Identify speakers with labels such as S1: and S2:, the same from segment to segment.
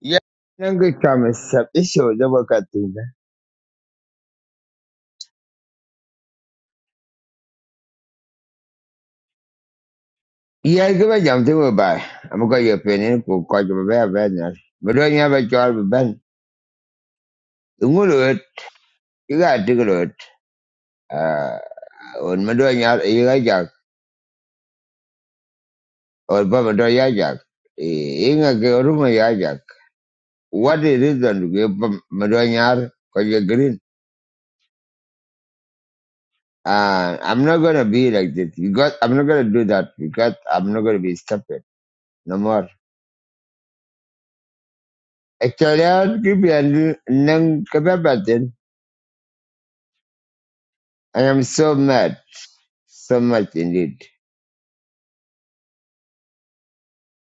S1: Yeah, I'm going to come and sub this show. The work I do. Yeah, I'm give a jump to a buy. I'm going to opinion. Go quite a very bad business. But don't you have a job with Ben? You want to it. You got to do it. Uh, on my door, you got a jack. Or Baba door, you jack. In a room, you jack. What is it then to give Madonya because you're green? Uh, I'm not going to be like this because I'm not going to do that because I'm not going to be stupid no more. Actually, I'll give you a nang I am so mad, so much indeed.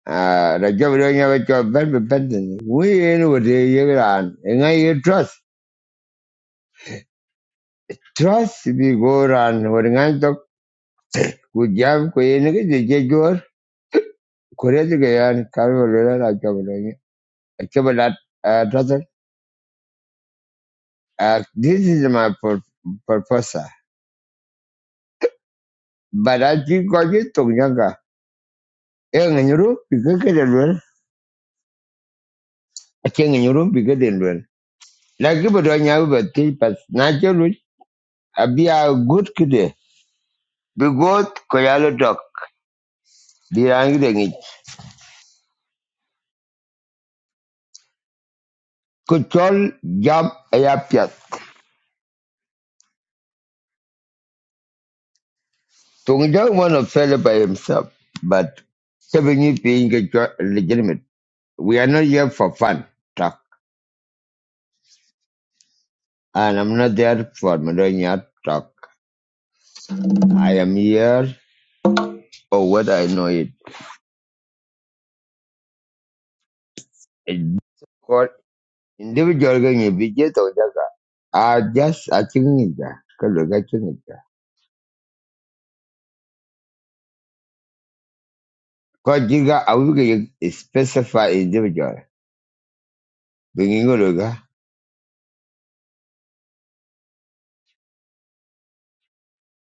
S1: Uh, Rajab doing a job, but dependent. We in what you run, and I trust. Trust if you go run, what I talk, good job, Queen, the Jaguar, Korea to Gayan, Carvalho, Rajab doing a cabalat, uh, trust. Uh, this is my pur- purpose. But I think I get to Yanga. Young in your room, because I can run. I can in your room, because I can run. Like you, but I never tell, but not abi a good kide bi goth ko dok bi dengi. de ngi ko chol jam aya piat tung jang one of fell by himself but seven being legitimate we are not here for fun talk and i'm not there for millennia talk i am here for what i know it It's called individual going to be just i just i think it because jiga i will specify individual Bingo, lo ga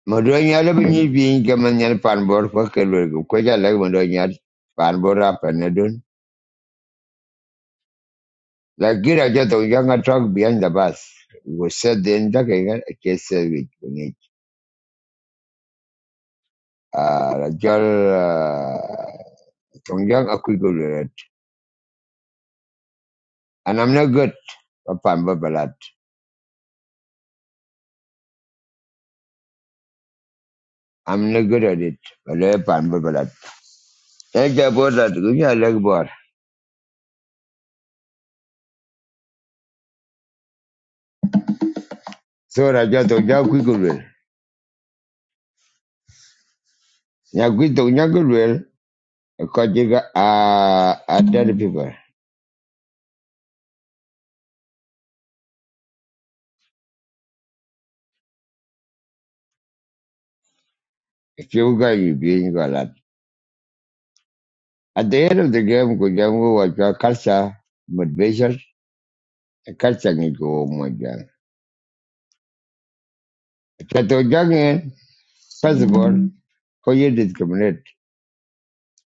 S1: ma do nyal bi ni bi ga man nyal pan bor ko ke lo ga ko ja gira ja to truck behind the bus we said then da ke ga ke se wi ah la jol tong yang aku go and i'm not good at panbor balat i'm not good at it but le pan balat e ga bor da ku ya so ra ja to ja ku go lo ya ku to people Ikiunga ibinga lat. At the end of the game, kujangu wajwa kalsa motivation, kalsa ngiko mojang. Kato jangen, first of all, ko ye discriminate.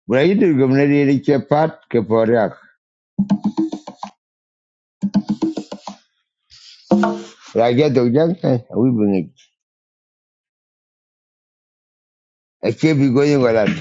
S1: Bura ye discriminate ye che pat ke poriak. Raja to jang, awi bengik. Eche bigo yunga lat.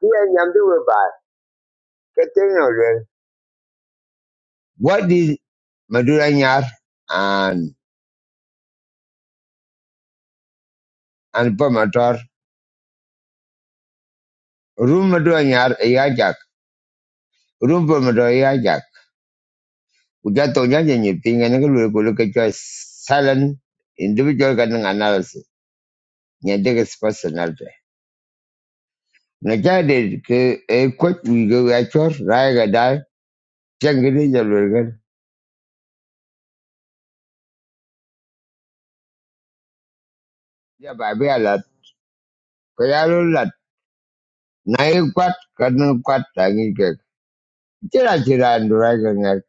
S1: Kia nyamdu webar, keteng olwel. What is Madura Nyar and and Pomator, Room Madura Nyar Yajak, Room Pomator Kujato nyanya nye pinga nanga lue kulu kachwa silent individual kanang analysis. Nye degis personality. Na jade ke e kwek wigo wachor raya gadai changini jalur gan. Ya babi alat. Kaya lu lat. Na e kwat kanang kwat tangi kek. Chira chira andurai kangar.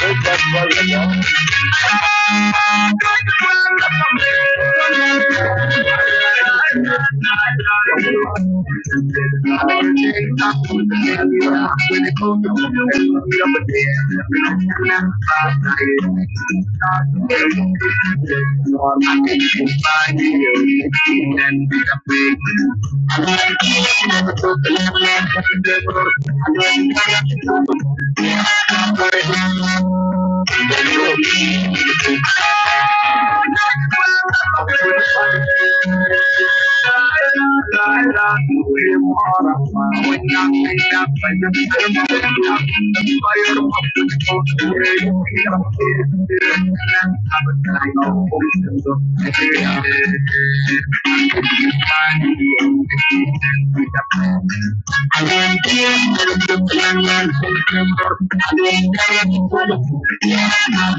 S1: Thank you.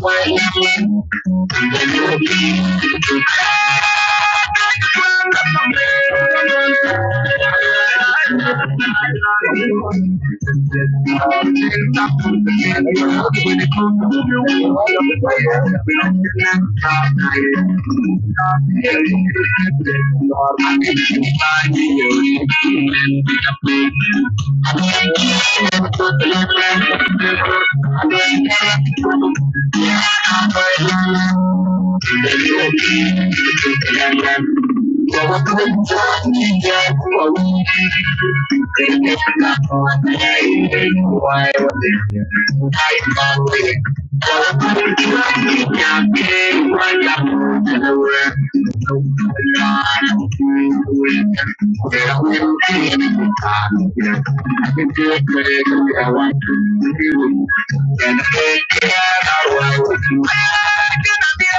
S1: Thank you. Thank you. Why? Thank you.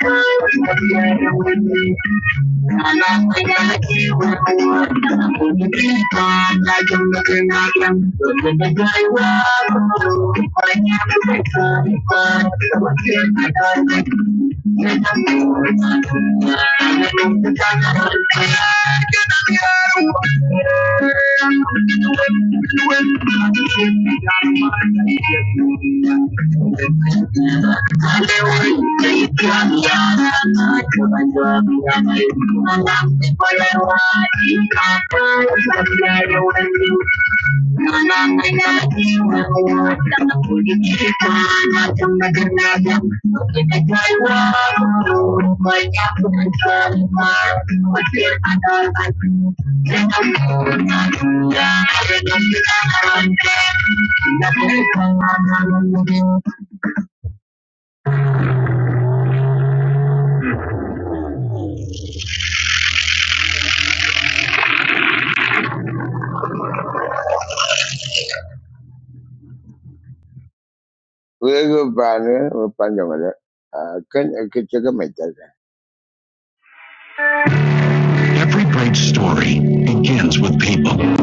S1: Thank you. Thank you. Thank you. Luego van upando kan ke cega Every great story begins with people.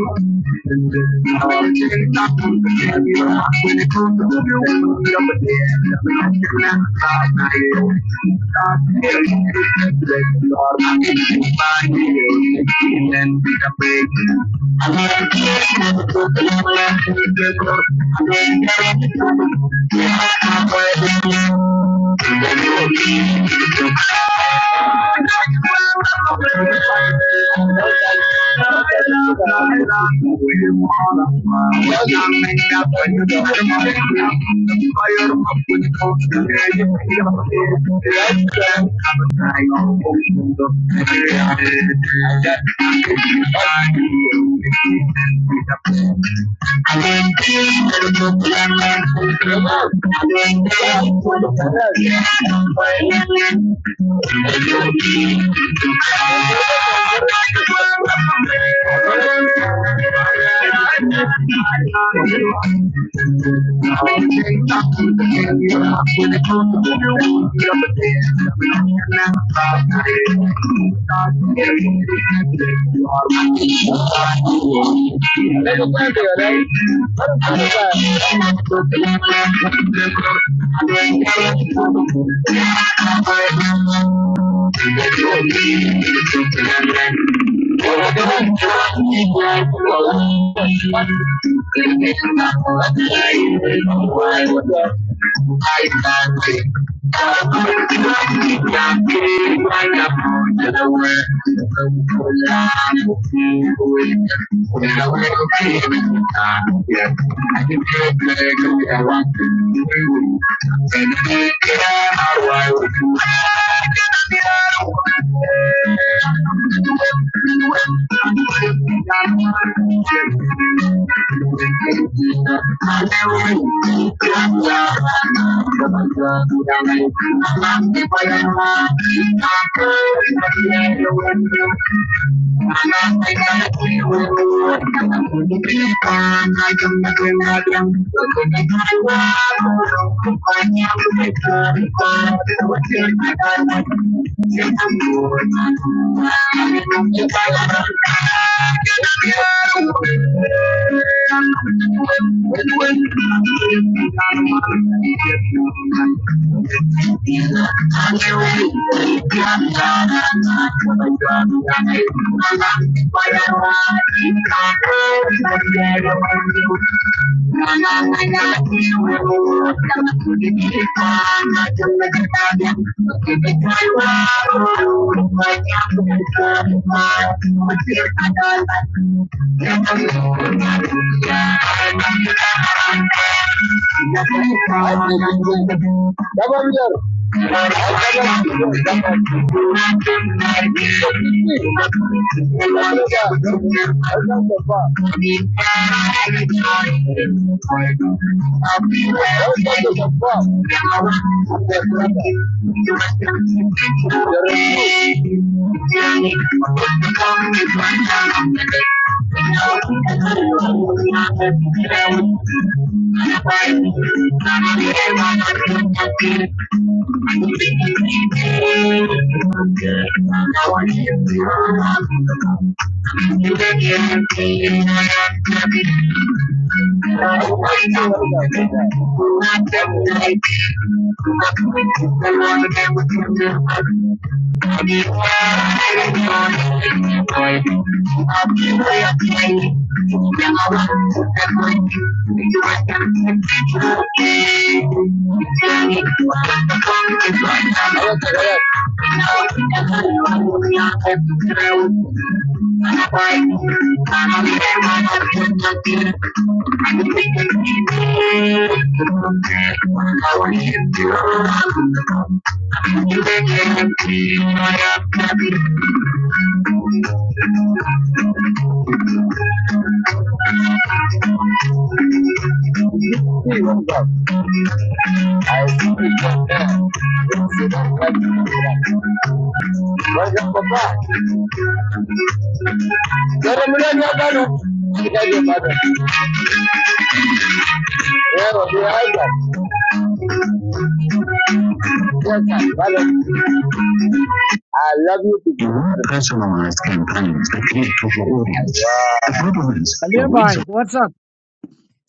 S1: Thank you. Thank you. Thank you. Thank you. Thank you. Gabriel, Thank you. Thank you. I love you to You want personalized campaigns that connect with your audience. Wow. The problem is, your
S2: Aliyah
S1: wins
S2: Bhai,
S1: are
S2: what's up?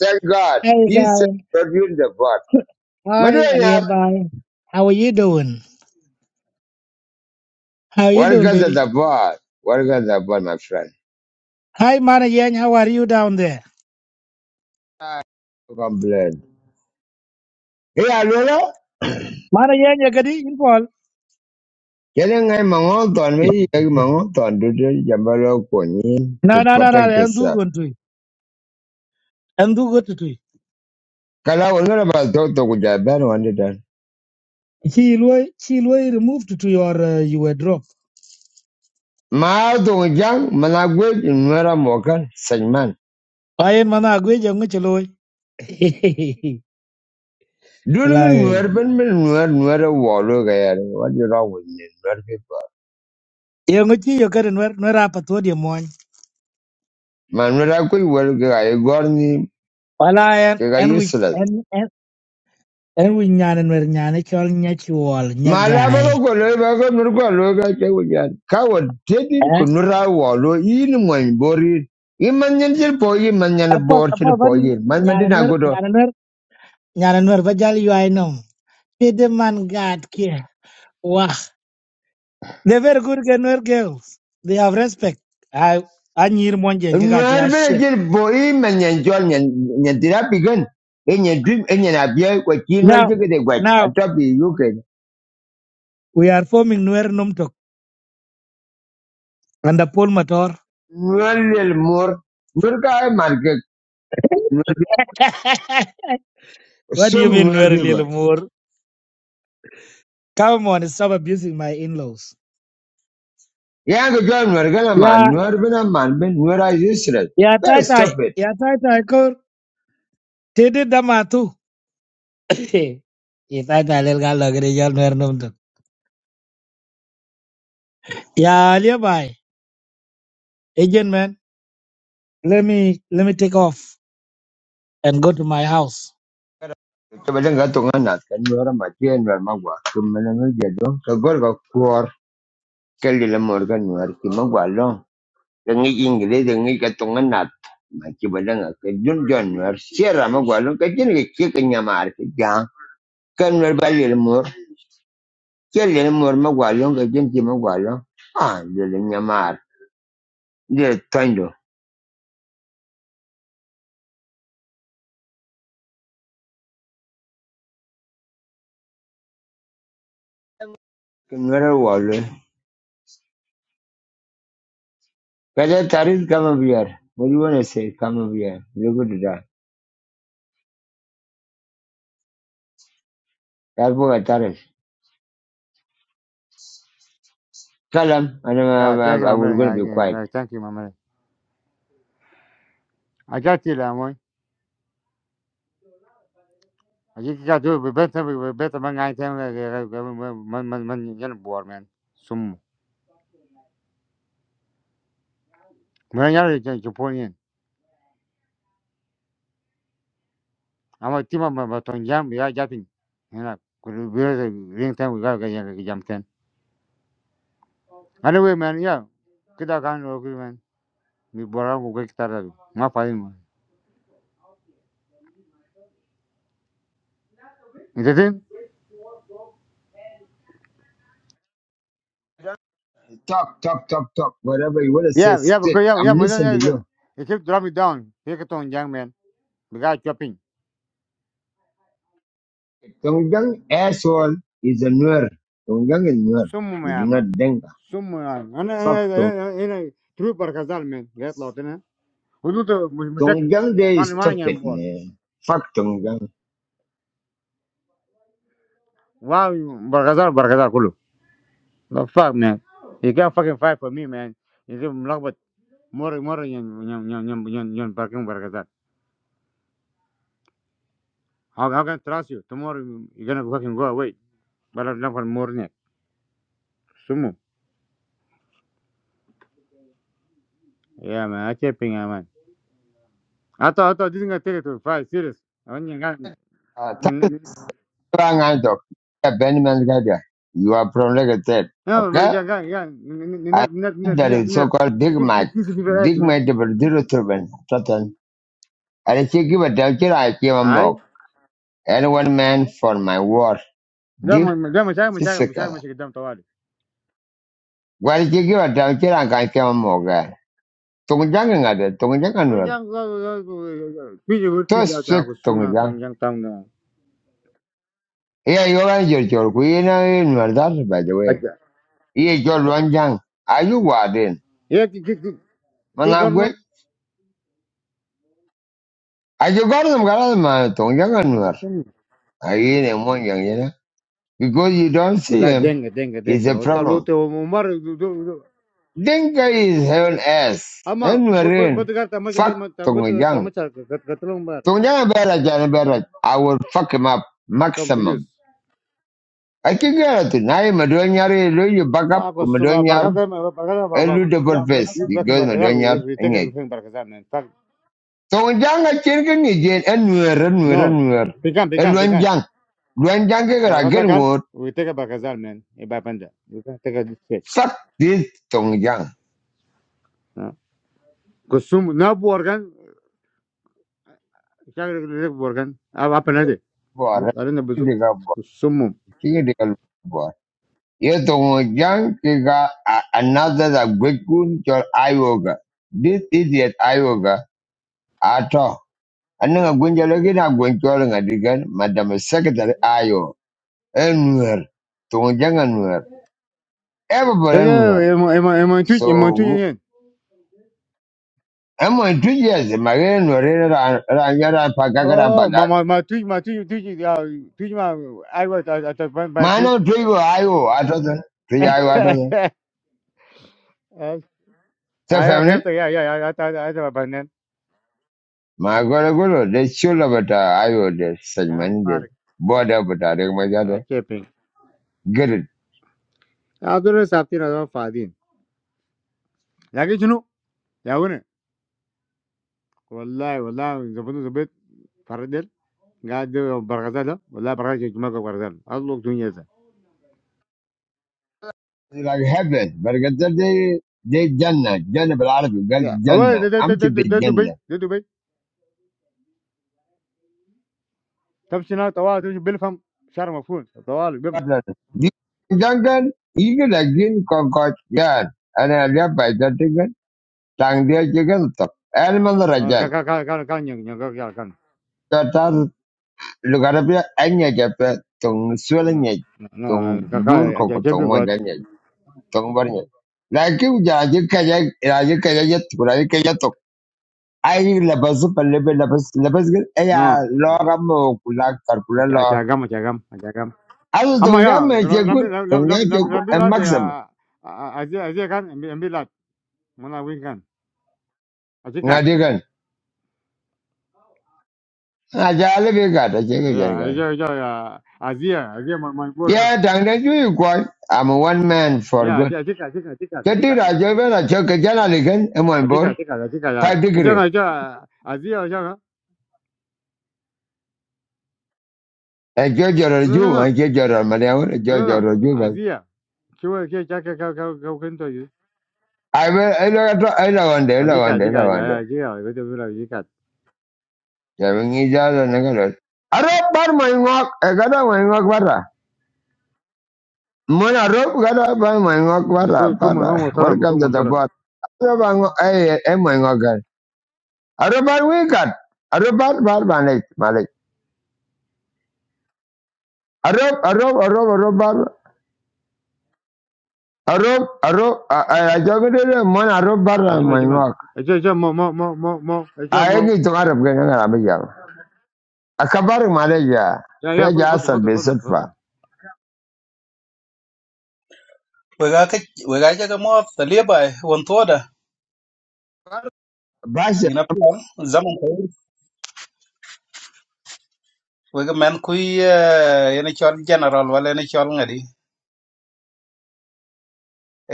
S1: Thank God.
S2: Hey
S1: Jesus
S2: guy.
S1: produced the board.
S2: Hi
S1: Madonna,
S2: Aliyah Bhai. How are you doing? How are you doing,
S1: welcome to
S2: baby?
S1: the board. Welcome to the board, my friend.
S2: Hi Mana Yang, how are you down there?
S1: Complain. Hey, Alola.
S2: Mana Yang, you got it in Paul?
S1: Kaya ngay mangoton, may yung mangoton, dudu jambalo konyin
S2: No,
S1: to
S2: no, no, no,
S1: protect
S2: I'm too
S1: yourself.
S2: good to it. I'm too good to it.
S1: Kala wala na ba to to kujaban wanda dan.
S2: She will, she will remove to your, uh, you were dropped.
S1: Maa to kujang managwe inwera mokan Saint Man.
S2: I am Mana Agwe, young Michelo.
S1: During
S2: Like,
S1: Nuer Ben Ben Nuer Nuer Wallo Gayar, what you wrong with me? Nuer people.
S2: young Michi, you got in where, where up at what you want.
S1: Man, when I could well Gay Gorni,
S2: Well, I am,
S1: Gay
S2: and we,
S1: useless.
S2: and, and, and we nyan and we Chol nyan, Chol all
S1: Malabago Golobago Nurgo Loga Kawajan. Coward Teddy
S2: guy.
S1: Kunura Wallo, in my body. Imanian Jilpoi, Manian
S2: Apol apol
S1: Borchin
S2: ban
S1: Poi, Man
S2: nyana
S1: Madina
S2: nuer
S1: Godo.
S2: nyana nuer nyana nuer ba jal yuai nom. Pede man gad kia. Wah. They very good ke nuer girls. They have respect. I anyir monjen ke kachi a
S1: Nuer Ben
S2: shit.
S1: Jilpoi, Manian John and Yadirapigan. In your dream, in your abia, what you know, you
S2: Now
S1: get a wet. A
S2: now
S1: top you can.
S2: we are forming nuer numtok under Paul Mator.
S1: Nuer More. Nurka ay marke
S2: what do you
S1: Some
S2: mean
S1: Nuer
S2: nuer
S1: people.
S2: little mur? Come on, stop abusing my in-laws.
S1: Young girl, Nuer girl, man,
S2: Yeah,
S1: Nuer bin man, bin Nuer are useless.
S2: yeah,
S1: Very
S2: tata,
S1: stupid.
S2: yeah, tata, kor. Tede damatu. Yeah, tata, lel gal lagre jal nuer numtok. Yeah, alibi. Agent man, let me let me take off and go to my house.
S1: Kebelan ga tunga nat kan Nuer ma tie Nuer ma gwa. Kebelan ga jedo ka gor ga kuor kali la mor ga Nuer ki ma gwa long. Dengi ingre dengi ga tunga nat. Ma kebelan ga ke dun jon Nuer sierra ma gwa long ka jin ga ki ka nyamar ki jang. Kan Nuer ba le mor. Kali la mor ma gwa long ka jin ki ma gwa long. Ah, le nyamar. Le tondo. Nuer wa Kaja Taris, come over here. What do you want to say? Come over here. You're good to die. That's what I Taris. Tell him, and
S3: يا
S1: I'm,
S3: كيف
S1: I'm, I
S3: ما
S1: will going to be quiet.
S3: مر كيف ما مر أجاتي لا موي أجيك كاتو ببيت ببيت ما عايز تعمل من من من جن بور من سوم من يلا جبونين أما تيما ما تونجام يا جاتين هنا كل بيت رين تام ويا كي كي جام تان أنا وين من يا كده كان لو كده من بورا وكي كتار ما فاين ما إنتين
S1: Talk, talk, talk, talk. Whatever you want to say,
S3: يا يا بقول
S1: stick.
S3: يا
S1: I'm
S3: يا مثلا
S1: listening to you.
S3: يا يجيب درامي داون هيك تونجام من بقى shopping
S1: Tongjang asshole is a nur. Tongjang is nur.
S3: سم
S1: It's
S3: يا مان
S1: not denga.
S3: سم يا مان انا
S1: Fuck
S3: هنا
S1: Tong.
S3: هنا هنا تروح برغزال من جيت لوطنا ودوت مش مشكل
S1: Tongjang they
S3: ما
S1: is
S3: ما يعني
S1: stupid,
S3: بور
S1: man. Fuck Tongjang.
S3: واو برغزال برغزال كله لا فاك مان you can't fucking fight for me man you get ملخبط مر مر ين ين ين ين ين ين بركن برغزال how how can I trust you tomorrow you're gonna fucking go away but I'm not for more net سمو يا مان I can't ping يا مان I thought I thought this is gonna take it to five serious I want
S1: Uh, talk,
S3: you
S1: I'm going to talk. Yeah, Benjamin Gadia. You are from Lagos State.
S3: Ya
S1: Okay?
S3: gel gel
S1: I
S3: niner niner
S1: heard
S3: niner
S1: that
S3: niner
S1: is
S3: niner
S1: so-called Big
S3: كيف
S1: Mac.
S3: كيف كيف بقيت
S1: Big
S3: من
S1: Mac number zero seven, Sutton. And she give a doctor I give a
S3: هاي
S1: mock. And one man for my work.
S3: لا
S1: Deep
S3: لا مشاكل مشاكل مشاكل
S1: physical.
S3: مشاكل قدام طوالي
S1: Why did you give a doctor I can give a mock? Tungjang and other, Tungjang and Nur.
S3: طنجان تيجي
S1: So
S3: تيجي
S1: sick
S3: تاخذ سمعه
S1: Tungjang.
S3: طنجان تاعنا
S1: Yeah, you're on your joke. We know in Murder, by the way.
S3: هكا
S1: Yeah, you're one young. Are you warden?
S3: هي كي كي
S1: Managway?
S3: قرنب
S1: Are you got them, got them, Tungjang and Nur? I ain't one young, you know? Because you don't see
S3: ولا
S1: him,
S3: دنقه دنقه
S1: it's
S3: دنقه
S1: a problem.
S3: وطلوت ومر
S1: Dinka is heaven S
S3: اما
S1: and Marine.
S3: بتقطع مش
S1: Fuck
S3: بتقطع
S1: Tongyang.
S3: مش قتلهم بار
S1: Tongyang Bella Jan Barrett. I will fuck him up
S3: كم فلوس
S1: maximum. I can get it. Now Madonyar do you back up
S3: تاخذ سمعه
S1: Madonyar
S3: بركه بركه
S1: and
S3: بابا
S1: do
S3: لا
S1: double
S3: لا
S1: face because Madonyar and yet.
S3: يتذكر في بركه زمان
S1: Tongyang a chicken again and we're and we're
S3: No,
S1: and we're.
S3: pecan,
S1: And
S3: pecan, pecan.
S1: Luanjang. Luanjang are
S3: Barkaza
S1: getting
S3: kan,
S1: word.
S3: we take a barkaza man, a bapanda. We can take a this shit.
S1: Fuck this Tongyang.
S3: Kusum, ne bu organ, şakırık bu organ. Abi apan hadi.
S1: Bore.
S3: Arın da buzu. Kusumum.
S1: Yetongjiang are another that Gwegun Chol Ioga. This idiot Ioga at all. Another Gwenjalagina Gwencholing Adigan, Madam Secretary Ayo, Enwer, Tongjang Enwer, everybody
S3: Tabii
S1: Enwer.
S3: emo emo emo tuç emo tuç
S1: So,
S3: yen.
S1: I'm going two years, Marian Rera Rangara and Pagagara and
S3: Oh, ma
S1: Pagak.
S3: ma ma tuç ma tuç tuç ya tuç ma ay var at at at, ben ben tuç.
S1: Mano Trigo Ayo, at all. Three
S3: Ay
S1: Ayo at all. So,
S3: ya
S1: family,
S3: hep de ya ya ya at at at benden.
S1: my Goragolo, they should have a Ayo, they said,
S3: Ya
S1: man, they
S3: fark.
S1: border, but I think my other.
S3: Ya kepin.
S1: good,
S3: Ya dur saptin adam fadin. Lakin şunu ya والله والله زبون زبيت فردل قاعد برغزالة والله برغزالة جماعة برغزالة الله دنيا زي
S1: like heaven. But they they Jannah, Jannah بالعربي قال
S3: يا أول
S1: Jannah.
S3: ده ده ده
S1: أمشي
S3: ده ده ده دبي
S1: بالجنة.
S3: ده دبي تمشي هنا طوال تمشي بلفم شهر مفهوم طوال بم
S1: Jangan ini lagi kongkot jan. Ana dia baca dengan tang dia juga tetap. Elman
S3: كان
S1: rajan.
S3: كان كان كان ين ين كان كان
S1: Kata lugar dia hanya japa tung
S3: لا
S1: sualnya tung
S3: كان
S1: gur
S3: كان
S1: koko
S3: أجيب
S1: tung
S3: بقول
S1: majanya tung barnya. Lagi ujar aja kaya aja kaya aja ai labas pa lebe labas labas gel ya
S3: لا
S1: lo kulak kula karkula
S3: أجي
S1: lo
S3: أجي أجام أجي أجام أجي أجام
S1: azu
S3: أما
S1: tongja
S3: يا
S1: me che
S3: رمبي
S1: tongja dong
S3: رمبي
S1: ya
S3: رمبي رمبي لا
S1: maxim
S3: يا أزي أزي كان رمبي لا منا وين كان أزي كات
S1: ngadi gan a ja lebe ga ta che ga
S3: يا
S1: gan gan
S3: أزي أزي أزي أزي ما ما يبور كان
S1: ya ju yu i'm a one man
S3: 예,
S1: for good
S3: 아직 아직 아직 아직 아직
S1: Jadi
S3: 아직
S1: ti ra jo be ra che ke jana le gan e mon
S3: 아직
S1: bor
S3: 아직 아직
S1: 5 degree
S3: 있잖아 있잖아 아지야 있잖아.
S1: e jo jo ro ju e
S3: 너너너
S1: jo jo ro ma le e jo jo
S3: 너너
S1: ro ju ba
S3: 아지야. 그거 그게 자카카카카 근데
S1: ai be e lo ga to ai lo wan de lo
S3: 아직
S1: wan de
S3: 아직
S1: lo
S3: 아직
S1: wan de
S3: 아지야. 이거 좀 그래 아직.
S1: ya ngi ja Arab bar mai ngok, e gada mai Mwana rob gada ba mwengok bara
S3: 그거 그거 뭐
S1: bara.
S3: 사람 그거
S1: Welcome to
S3: 뭐
S1: the
S3: 사람.
S1: bot. Roba ngo ay ay mwengokan. Arobar wikat. Arobar bar banek malik. Arob arob arob arobar arob arob ajogede mwana rob bara
S3: 아지만 아지만.
S1: mwengok.
S3: 아저 저뭐뭐뭐뭐 아저 뭐.
S1: Ayegi to arab gena ngara bijam. Akabar maleja.
S3: 야야 포도
S1: Feja
S3: 포도
S1: asad
S3: 포도 포도 포도.
S1: besetfa.
S4: wega ka wega ja ga mo ta le ba won to da
S1: Basha
S4: ina plan zaman ko wega men ku ina chol general wala ina chol ngadi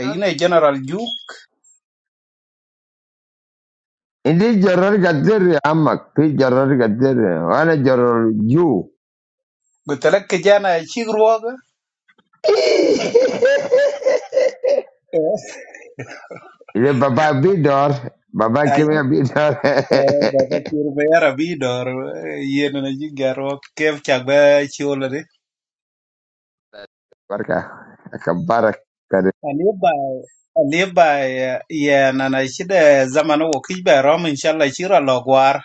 S4: e ina general ju
S1: indi joror gadir amak. Pi joror gadir. Wana joror ju.
S4: go tele ke jana chi ruoga
S1: Ile baba bidor. Baba
S4: a ji
S1: kimya bidor.
S4: ba ba chi ru ba ra bi dor yen na ji garo ke cha ba chi ola de
S1: Barka, ka baraka da
S4: ani ba ani ba ya na na shi da zaman wo ki ba rom inshallah chi ra logwar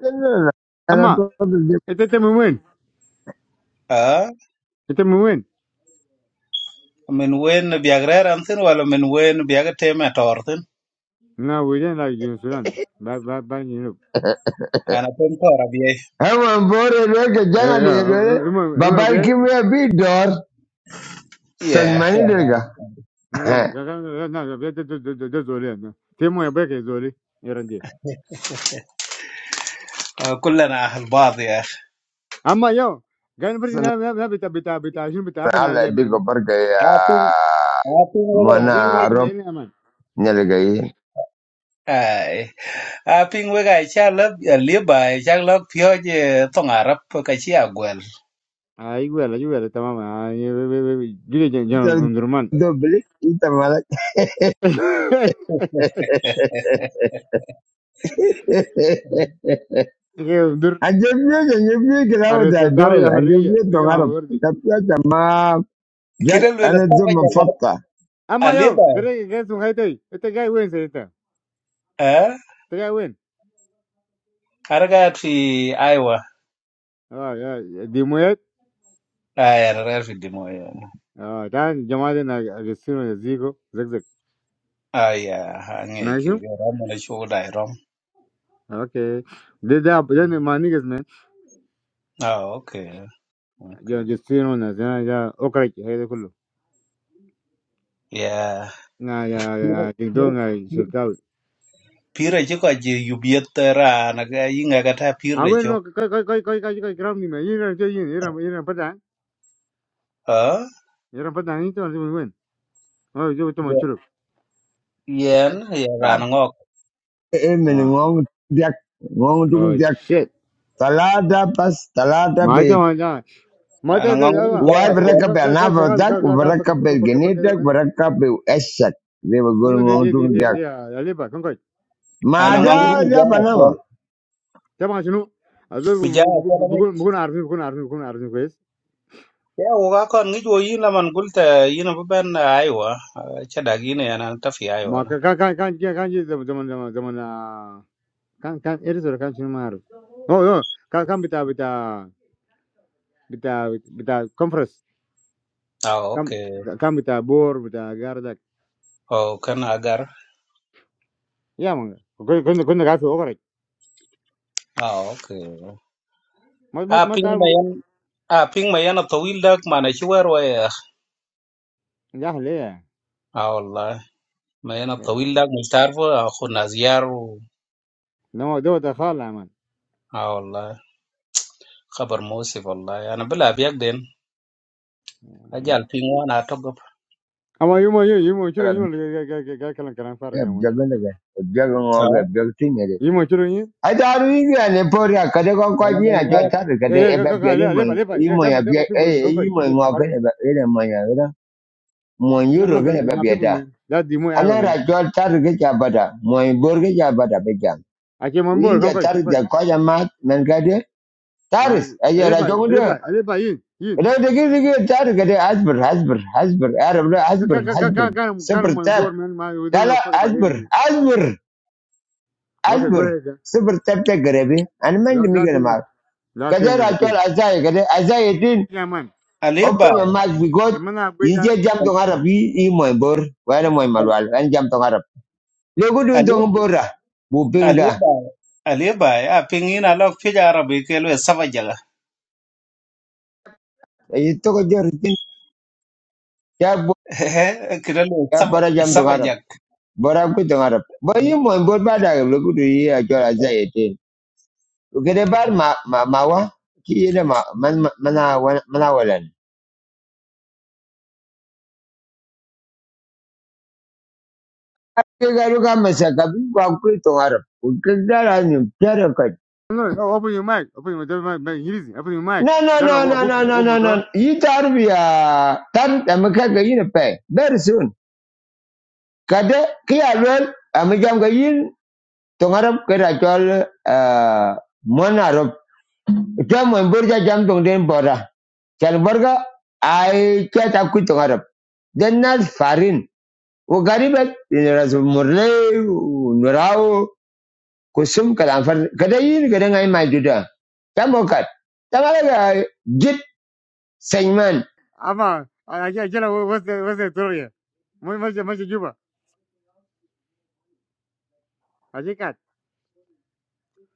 S1: kana ana
S3: 아마
S1: to da
S3: 에테테 무문. 에테 무문.
S4: a min wen biagre ran tin wala min wen biagate ma tor
S3: 나 우리는 나 윤수란. 바바바 윤.
S4: Apa bentar biaya?
S1: hawa bore da ka
S3: 예
S1: jana
S3: 예.
S1: da dole
S3: 이모 이모
S1: babai
S3: 배.
S1: kim ya bi dor
S4: Iya.
S1: salmani da
S4: Karena
S1: ga
S3: Na, na, gaga- na, na, vete de, de, de, de zoli, na. Te mo ya beke zoli, erandi.
S4: kita adalah orang Arab ya.
S3: Amma yo, gan bri
S1: sun
S3: na na na bita bita bita jin bita apa na
S1: Allah
S3: ide
S1: ya diga
S3: men.
S1: barka ya
S4: Aku pikir aku pikir kayak
S3: Ya,
S1: mana
S4: si,
S3: de lot ma
S1: rob
S3: ini aman.
S1: ne daga yi
S4: Aiyah. Aku pikir kayak si Arab Libya, siang lagi pihon di tengah Arab kayak si apa?
S3: Ai gwela, ju gwela tamam. Ai gide jan jan umdurman.
S1: dobli ita malak
S3: Ge umdur
S1: a jamiyo da da
S3: arrestar dar
S1: dole
S3: ya
S1: a
S3: hurriya.
S1: to
S3: Dege ma
S1: harab
S3: hamurdi.
S1: ta ta ma ya
S4: Kira kira
S1: ana zuma
S4: seperti
S1: fatta
S3: Amma yo,
S4: Libya?
S3: dere ge sum haitai. Ete gai wen se ita.
S4: Hah?
S3: Te gai wen.
S4: Karena kita di Iowa.
S3: Ah, ya, di moyet.
S4: Aiyah, di mana?
S3: Ah, dan jamaade na gesino zigo, zig zig.
S4: Aiyah,
S3: Na
S4: di
S3: shu?
S4: mana? Romo di show di Rom.
S3: Okay. De da, de ma nigas
S4: Ah, oke, oke.
S3: يا جسيرو نازنا يا أوكريك هذا كله
S4: Iya.
S3: نا يا يا جندون يا شركاوي
S4: pira ci ko ci yubiet ran ga yinga ga ta pir de
S3: أوين
S4: cho
S3: نو كاي كاي كاي كاي كاي كاي كرام نيما ينا تيجي ينا ينا بدان
S4: ha
S3: ينا بدان ينتو أنت من وين أو جو تما شرب
S4: yen ya ran ngok
S1: Amen.
S3: آه
S1: Ngong diak, ngong dung
S3: أو
S1: diak.
S3: شيت
S1: Talada pas talada
S3: ما
S1: be.
S3: تما جا ما
S4: an
S3: تجا
S4: ngong ni
S3: يلا
S4: ja
S1: Wal
S3: أتو
S4: ko
S3: أتو
S1: mereka be
S3: كا كا
S1: anava
S3: شغال كا
S1: tak,
S3: لا كا
S1: mereka
S3: فك فك
S1: be
S3: فك فك
S1: genetak,
S3: من
S1: mereka be esak. They were
S3: نلا
S1: going
S3: دي
S1: ngong
S3: دي دي
S1: dung
S3: دي دي
S1: diak.
S3: يا ليبا كم كاي
S4: an
S3: تما
S4: ngong
S3: شنو
S1: Mada
S4: ni
S1: dia
S4: ja
S1: apa
S4: ko
S1: nama?
S3: تما شنو أزو
S4: mi ja ko la ni
S3: بكون بكون عارفين بكون عارفين بكون عارفين كويس
S4: ya u ga kon ngi jo yin la man gulta yin bu ben aiwa cha da gi ne an ta fi aiwa
S3: ما
S4: na
S3: كا كا كا كا كا كا زمان زمان زمان كان كان إيرز ولا كان شنو ما أعرف. أوه أوه كان كان بتاع بتاع بتاع بتاع كونفرنس
S4: ah
S3: كان
S4: okay
S3: كان بتاع بور بتاع جاردك
S4: o kan agar
S3: يا مانجا. كنا كنا كنا قاعد في أوكرانيا
S4: ah okay
S3: ما ما
S4: a
S3: ما
S4: ping
S3: تعرف
S4: mayan a ping mayan to wil dak mana ci war wa ya
S3: جاهل ليه
S4: ah wallahi mayan to wil dak mustarfo khuna ziyaru
S3: لما دوت خال عمل.
S4: ah wallahi Khabar Mosif wallahi. Ana bila biyak den. Aja alfin wana togop.
S3: أما يوم يوم يوم شنو يوم اللي جا جا جا كلام كلام فارغ يا مانجا
S1: Jaga naga, jaga ngong ke,
S4: Ah,
S1: jaga tinggi deh.
S3: يوم شنو يوم
S1: Ada hari ini ane pora kada kau kau
S4: ana
S1: ni
S4: banyo.
S1: aja tar
S3: يا
S1: kada
S3: يا
S1: eba
S3: كا كا
S1: biari
S3: ليه
S1: mo
S3: ليه
S1: yi
S3: ليه يا
S1: mo
S3: ده
S1: ya
S3: ما ده
S1: bi
S3: ما في بون
S1: eh
S3: كم كم
S1: imo
S3: يا
S1: ngau kan
S3: كاربين
S1: eba ere mo ya ere mo
S3: لا لا
S1: yuro kan
S3: لا
S1: eba
S3: ما في بون
S1: biada
S3: من لا دي مو أيوة
S1: ana
S3: من
S1: ra jol tar ke jabada mo bor ke jabada be
S3: أكيد من
S1: we
S3: بور
S1: inja
S3: كم كم
S1: tarik
S3: كم
S1: ja
S3: كم
S1: koja mat men kade
S3: آه
S1: taris aja
S3: ليه
S1: ra
S3: ليه
S1: jongu de
S3: ليه ليه يين
S1: ra de gi gi tarik kade asbir asbir asbir arab la
S3: Cut,
S1: asbir
S3: cut, cut, cut,
S1: asbir
S3: cut, cut him, cut
S1: sabr
S3: him on
S1: tab
S3: board, man. man. We
S1: la
S3: don't give
S1: la
S3: a fuck about him,
S1: asbir
S3: man.
S1: asbir
S3: Okay, go
S1: asbir
S3: ahead, yeah.
S1: sabr tab te garebi an men
S3: La-
S1: mi
S3: Last
S1: gana
S3: thing,
S1: ma
S3: yeah. last
S1: kade
S3: thing,
S1: ra
S3: number
S1: chol
S3: three.
S1: azai kade azai din
S3: Yeah, man.
S4: aliba
S1: open your mouth because
S3: Hey, man, I break
S1: inje
S3: that.
S1: jam tong arab yi i moy bor wala moy malwal an jam tong arab legu dun
S4: alib
S1: tong bora bu pinga
S4: aliba aliba a pingin alok fija arabi kelwe sabajaga
S1: ay to ko jor tin ya bo
S4: kirelo
S1: ya bara jam to
S4: sabajak
S1: Bora I'm good to Arab. But you mon but bad I look to hear your Isaiah ten. ma ma mawa. Ki yeda ma man mana manawalan. Kega luka masaka bi kwa kuto Arab. Ukegara ni teraka.
S3: No, no, open your mic. Open your open your mic. Easy. Open your mic.
S1: No no
S3: That a
S1: no
S3: whoop,
S1: no
S3: whoop,
S1: no no
S3: whoop,
S1: no
S3: motor.
S1: no. You tarbiya tam amaka gayin pe. Very soon. Kada ki alwel amijam gayin to Arab kera chol uh mon Arab. Jam mon burja jam tong den bora. Kalbarga, I keta kuitong Arab. Denal farin. Wo garibat. In rasu muray, nurao, kusum kadangfar. Kadai ini kadangai majudah. Kamu kat. Kamala gay. Git seniman
S3: I'm a, I, I, I, what's the, what's the story here? Much, much, much, Juba. I think that.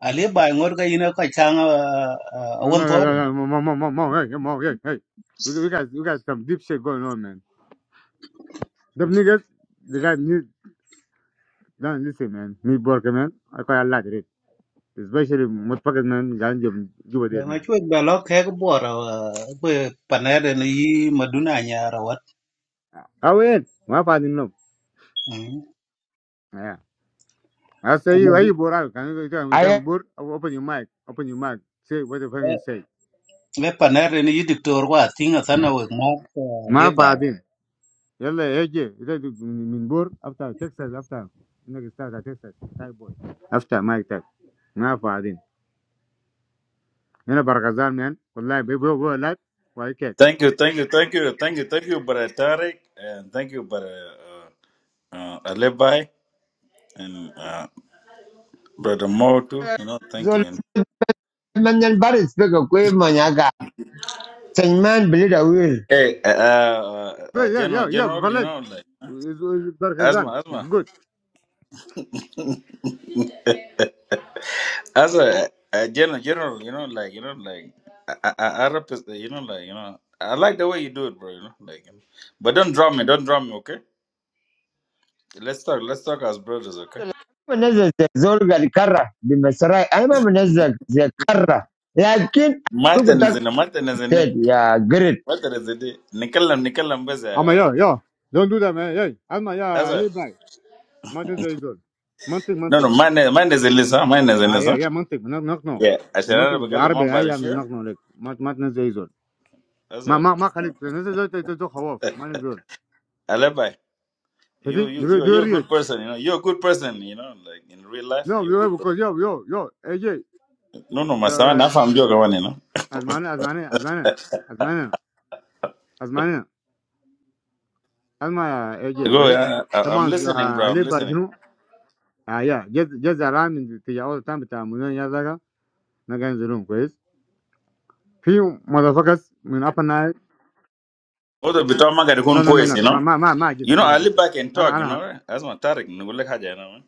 S4: aliba ngor ga ina ka changa
S3: No,
S4: awon
S3: no,
S4: tore
S3: no, no, no, no, no, mom, mom, hey, no, hey, hey. We, we got, we got some deep shit going on, man. Them niggas, they got new, don't listen, man. Me, Borka, man. I quite a lot of it. Especially, motherfuckers, man, got Juba there,
S4: ma
S3: man.
S4: chwe ba lok he bora be panere ni yi maduna nya rawat
S3: Awen, my father no. Yeah. I say
S4: kuma
S3: you, are
S4: be
S3: you bored? Can you tell me,
S1: ayat
S3: come bored? Open your mic, open your mic, say what the fucking say.
S4: panere wa tinga sana we ma
S3: My
S4: aliba
S3: father, yalla eje, ita du min bored after Texas, after, you know, start at Texas, Thai boy. After Mike Tech, my father. You know, barkazan man, wallahi, baby, go alive, why cat?
S5: Thank you, thank you, thank you, thank you, thank you, Brother Tarek, and thank you, Brother uh, uh, Alebai, and uh, Brother Mo too. You know, thank you.
S1: zolman
S5: And,
S1: dal baris beko kue mnyaga. Seniman belida wuj.
S5: hey, uh, uh,
S3: Yo,
S5: uh,
S3: yo,
S5: General,
S3: yo, yo,
S5: General, you
S3: Farlet,
S5: know, like
S3: is barkazan,
S5: Asma,
S3: it's
S5: Asma,
S3: good.
S5: as a uh, General, General, you know, like you know, like I, I, I represent, you know, like you know, I like the way you do it, bro. You know, like, you know. but don't drop me, don't drop me, okay? Let's talk, let's talk as brothers, okay?
S1: Menzak zolga dikarra di Mesra. Aima menzak zekarra. Lakin aku
S5: Martin is
S1: tak
S5: in the Martin is in the
S1: ter ya grit.
S5: Martin is in the Nicola, Nicola,
S3: Ama yo,
S5: Baza,
S3: yo, don't do that man, hey, Ama ya, Ali Bai, Martin Zaizol, Monty,
S5: No, no, mine, mine is Elisa. Mine is
S3: Ah yeah
S5: Elisa.
S3: yeah, mantik, nagh naghno,
S5: Yeah, I should have
S3: mantik
S5: become more
S3: Arabic,
S5: by the
S3: ayah
S5: sure.
S3: naghno like, mat mat nas ezor,
S5: That's
S3: ma
S5: all.
S3: ma ma khalik nas ezor, tato tato kawaf, ma ezor.
S5: Alibi, you,
S3: Keting?
S5: you,
S3: Doer
S5: you, you're
S3: doer
S5: a
S3: yo?
S5: good person. You know, you're a good person. You know, like in real life,
S3: No,
S5: you're a
S3: doer
S5: good
S3: because
S5: person.
S3: yo yo yo AJ,
S5: No, no,
S3: yo
S5: Masawa, now I'm joking. one, You know,
S3: asmane asmane asmane asmane asmane asma AJ
S5: go.
S3: kois.
S5: Yeah, I, I'm
S3: Taman
S5: listening, bro. I'm listening.
S3: alibajnu. Ah yeah, jaz jaz alamin tijawo tam tamunun yazar ga nagain zulum kois. Fiu madafas min apa nae?
S5: What the bitter man got to
S3: No no no
S5: quest,
S3: no,
S5: you
S3: ma
S5: know?
S3: ma ma ma
S5: You
S3: gisir
S5: know,
S3: ma
S5: I can
S3: gisir. Ana
S5: talk. You
S3: ana
S5: know, that's my Tarek. No, like Haja, you know. man.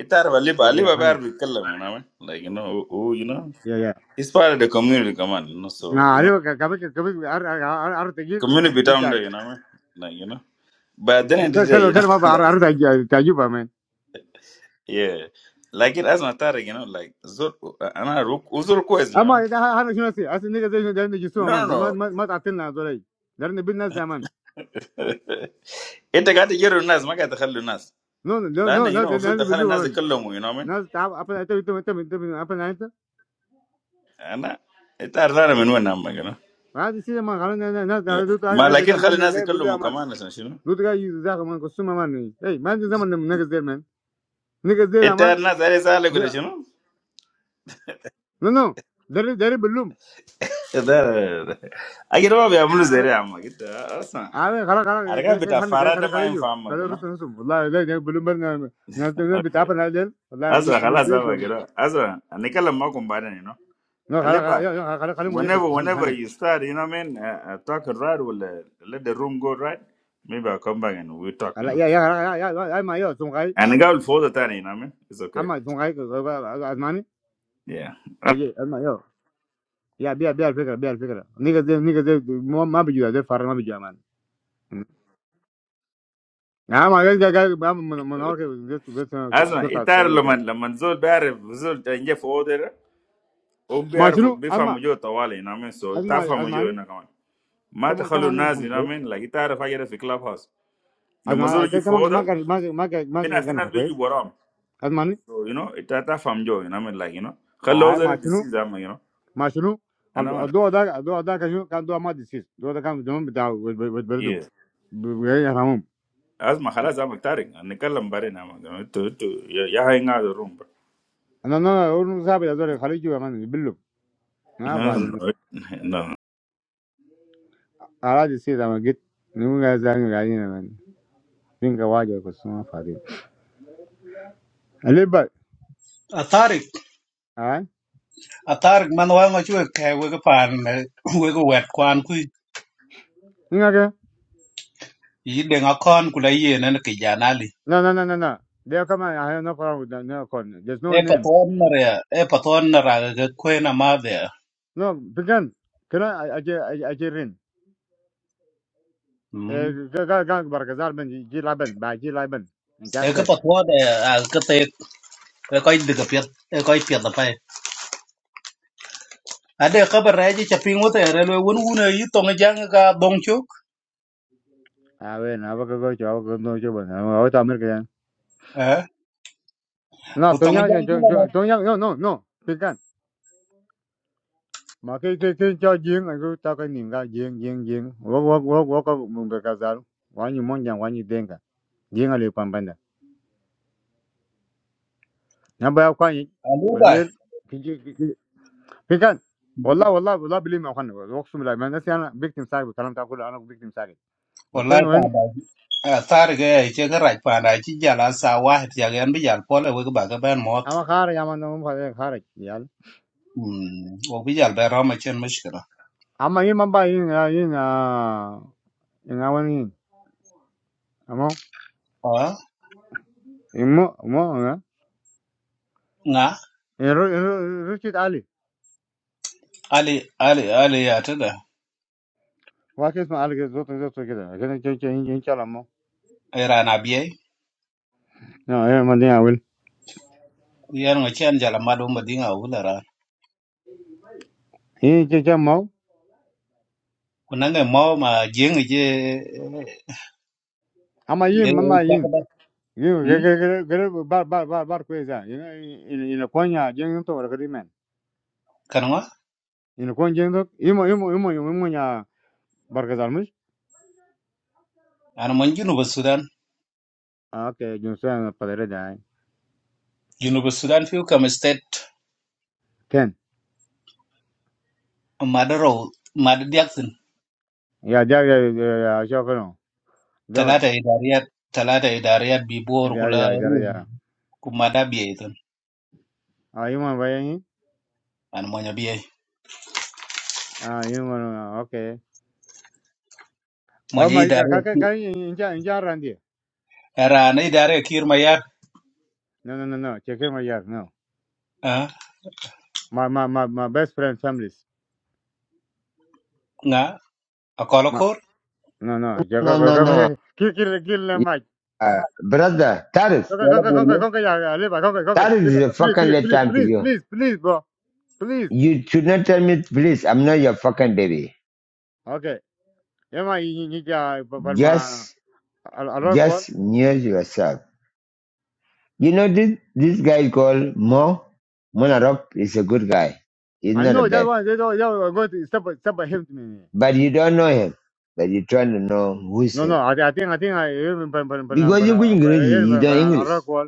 S5: Itar Aliba,
S3: yeah yeah
S5: Aliba,
S3: honey
S5: bear with Kalam, you know, man. like you know, who, who, you know,
S3: yeah yeah.
S5: he's part of the community, come on, you know,
S3: ما
S5: so you know,
S3: عليك كابيك كابيك عرض تجيب
S5: community down
S3: بنتك
S5: there, you know, man. like you know. But then today,
S3: كلمة
S5: you know,
S3: كلمة
S5: like
S3: عرض تعجبها من
S5: yeah, like it as matter, you know, like, ana uzuko is, you
S3: أما
S5: know,
S3: إذا هذا شنو نسي أصل نيجا زي ده نجي سوا من
S5: no,
S3: ما
S5: no,
S3: ما ما تعطينا دولي لأن بين ناس زمان
S5: no. Ita gata yero nas magata xalo nas.
S3: نو نو
S5: Laha
S3: نو
S5: na, you
S3: نو
S5: know,
S3: لأن
S5: ufuta
S3: بيلو
S5: xalo nas de
S3: من
S5: kolumo, you know what I mean?
S3: ناس تعب أبدا أنت أنت أنت أنت أبدا أنت
S5: Ana ita arara menu na magana,
S3: هذا الشيء ما خلنا ناس
S5: yeah.
S3: ده ده
S5: But
S3: عايز
S5: like in
S3: ده ده
S5: xalo nas de
S3: ده بيلو
S5: kolumo
S3: أمان
S5: kama nasanishono.
S3: لو تجا يزاق من قسم أمان إيه ما عندي زمان نيجا زي من نيجا زي أمان
S5: Ita nas harisa aligulishono.
S3: نو نو ده ده بيلو
S5: Ita. A gira bia muluzere ama kita asa.
S3: عامل خلاص خلاص
S5: Arga
S3: كده كده
S5: bida
S3: خلنا كده خلاص
S5: farada ma
S3: خلاص يو
S5: infama, you
S3: خلاص
S5: know.
S3: رسم رسم والله لا لا بلوم برنا ناس ناس بتعبنا ليل والله
S5: Asa
S3: نيك
S5: xala zava
S3: بيجو
S5: gira. Asa nika lamu kumbanya, you know.
S3: نو خلاص خلاص-
S5: Alibi.
S3: يا يا خلاص خلاص مجيك
S5: Whenever,
S3: هن
S5: whenever
S3: هن
S5: you start, you know what I mean, uh, uh, talk and ride, we'll uh, let the room go right. Maybe I'll come back and we'll talk, you
S3: خلاص
S5: know.
S3: يا يا خلاص يا يا يا ما يو سون غاي
S5: And the guy will follow the time, you know what I mean? It's okay.
S3: اما سون غاي ازماني
S5: Yeah.
S3: اجي اما يو يا بيا بيا الفكره بيا الفكره نيجا زي نيجا زي ما ما بيجوا زي فار ما بيجوا مان يا ما جاي جاي جاي من من هورك بس بس
S5: Asma,
S3: شرطه
S5: itar
S3: عسكريه كده
S5: laman laman zol bearif zol tanje foder um
S3: ما شنو
S5: bearif
S3: اما
S5: bifamu jo tawali, you know what I mean? So
S3: اسمع
S5: itafamu jo, you
S3: اسمعني
S5: know what I mean? ما
S3: تمام
S5: تخلوا
S3: تمام
S5: الناس you
S3: هنك
S5: know
S3: بس
S5: what I mean like تعرف حاجة في كلاب هاوس لما زول
S3: اسمع
S5: يجي
S3: تمام
S5: فوق
S3: ما
S5: ده
S3: ما ما ما
S5: في ناس في
S3: جنح
S5: ناس
S3: كويس
S5: بيجي وراهم
S3: اسمعني
S5: so you know انت تفهم جو you know what I mean like you know خلوا
S3: عاي مع
S5: زول
S3: شنو
S5: disease عم you know
S3: مع شنو
S5: انا
S3: ال-
S5: ما أعرف.
S3: الدواء ده الدواء ده كان شنو كان دواء ما ديسيس الدواء ده كان في الجنون بتاع بتبردهم
S5: Yeah
S3: يفهمهم
S5: Asma, خلاص I'm tired. نتكلم بعدين أما تو تو يا hang out the
S3: انا انا اقول صاحبي هذول الخليج يا مان يبلوا ما
S5: No,
S3: فاضيين
S5: no, no.
S3: على ديسيس اما جيت نقول يا زلمه قاعدين يا مان فين كواجه بس ما فاضيين اللي بقى هاي
S4: athar man wa ngo chwe ke we ko pan we ko wet kwan ku
S3: هنا كده
S4: yi de ngo kon ku la yi ne ki janali
S3: لا لا لا لا لا There come on, I have no problem with that. No, con- there's
S4: e
S3: no name.
S4: paton na re e paton na ra ga kwe na ma de
S3: No, began. Can I, I, I, I, I, I, I,
S4: Hmm.
S3: I, I, I, I, I, I, I, I, I, I, I,
S4: e
S3: I,
S4: ka
S3: I,
S4: paton de a ka te e ko de ka pet e ko pet da pai ade ka ba re ji cha ping wo te re le won wun yi tong e jang ka dong chuk
S3: A ver, no, porque yo hago con no yo bueno, ahorita me quedan.
S4: e u
S3: No, tú
S4: tong e
S3: ya
S4: jang ku
S3: yo
S4: la ma
S3: yo tú ya no no no, tú can. Mà cái cái cái cho riêng là cứ tao cái niệm ra riêng riêng riêng. Wo wo wo wo có mùng cái cá giáo. Quá nhiều món chẳng quá nhiều tiền cả. Riêng là liệu bằng bằng đó. Nhà bao quan gì?
S4: a lu
S3: Mà
S4: ba
S3: luyện cái cái cái cái can. والله والله والله بلي ما خن اقسم بالله ما نسي انا بكتم ساكت الكلام تاع كله انا بكتم ساكت بكون
S4: wallahi ta
S3: وين
S4: ba athar ga e che ka ra pa na chi jala sa wa ti ga en bi jal pole we ka ba ka ben
S3: اما خارج اما انا خارج يال
S4: Mm, wabijal be roma chen mishkila.
S3: اما يما باين يين يين اما وين
S4: Ah,
S3: مو مو ها
S4: nga
S3: رشيد علي
S4: ali ali ali ya tada
S3: واكي اسمه علي كده، صوته صوته كده كده كده كده ان شاء الله. مو
S4: iran abiye
S3: لا ايه ما دي اول
S4: yar ngo chen jala madu madinga ulara.
S3: هي كده كده مو
S4: Kunange mau ma jeng je
S3: اما
S4: e
S3: يم ما يم
S4: chakada.
S3: يم
S4: Hm?
S3: كده كده بار بار بار بار كويس يعني ان ان كونيا جين تو ولا كده من
S4: Kanwa
S3: ان كون جين تو يم يم يم يم يا بركز المش
S4: an mon junuba Sudan.
S3: اوكي جنسان قدره ده
S4: Junuba Sudan fiu kam state
S3: كان
S4: madaro maddiaksin
S3: يا جا يا شوفنا ده
S4: talata idariyat talata idariyat bi bor
S3: يا
S4: kula
S3: يا يا
S4: ruum
S3: يا
S4: kumada biye ton
S3: اه يم وين
S4: an monya biye.
S3: اه يم اوكي. Oh
S4: Monya
S3: my god,
S4: idariyat.
S3: kaka
S4: ki
S3: kaka inja inja randi.
S4: Era na idariyat kir mayat.
S3: No, no, no, no. Check my yard. No.
S4: Ah,
S3: My, my, my, my best friend families.
S4: nga
S3: My,
S4: akolo
S3: no, no. Yo go
S1: No
S3: go
S1: no no.
S3: go. Kill, kill, kill them, Mike.
S1: Ya brother taris.
S3: Conquer,
S4: wala
S3: conquer,
S4: bol mo
S3: conquer, conquer, yeah, yeah. Live, conquer,
S1: That
S3: conquer, live.
S1: is a
S3: Please,
S1: fucking
S3: please,
S1: late
S3: please,
S1: time to
S3: please,
S1: you.
S3: please, please, bro. Please.
S1: You should not tell me, please, I'm not your fucking baby.
S3: Okay. Yeah, my, you need to, but my,
S1: Just,
S3: I rock wall.
S1: just mute yourself. You know, this, this guy called Mo, Monarop is a good guy. He's
S3: I
S1: not a
S3: know that
S1: bad.
S3: one. They don't, they don't go to step, step by him to me.
S1: But you don't know him. But you're trying to know who's
S3: No, no.
S1: him.
S3: I, I think, I think I, but, but, but, but,
S1: Because you're going
S3: but,
S1: crazy, you
S3: but,
S1: don't
S3: but, I
S1: English.
S3: rock wall.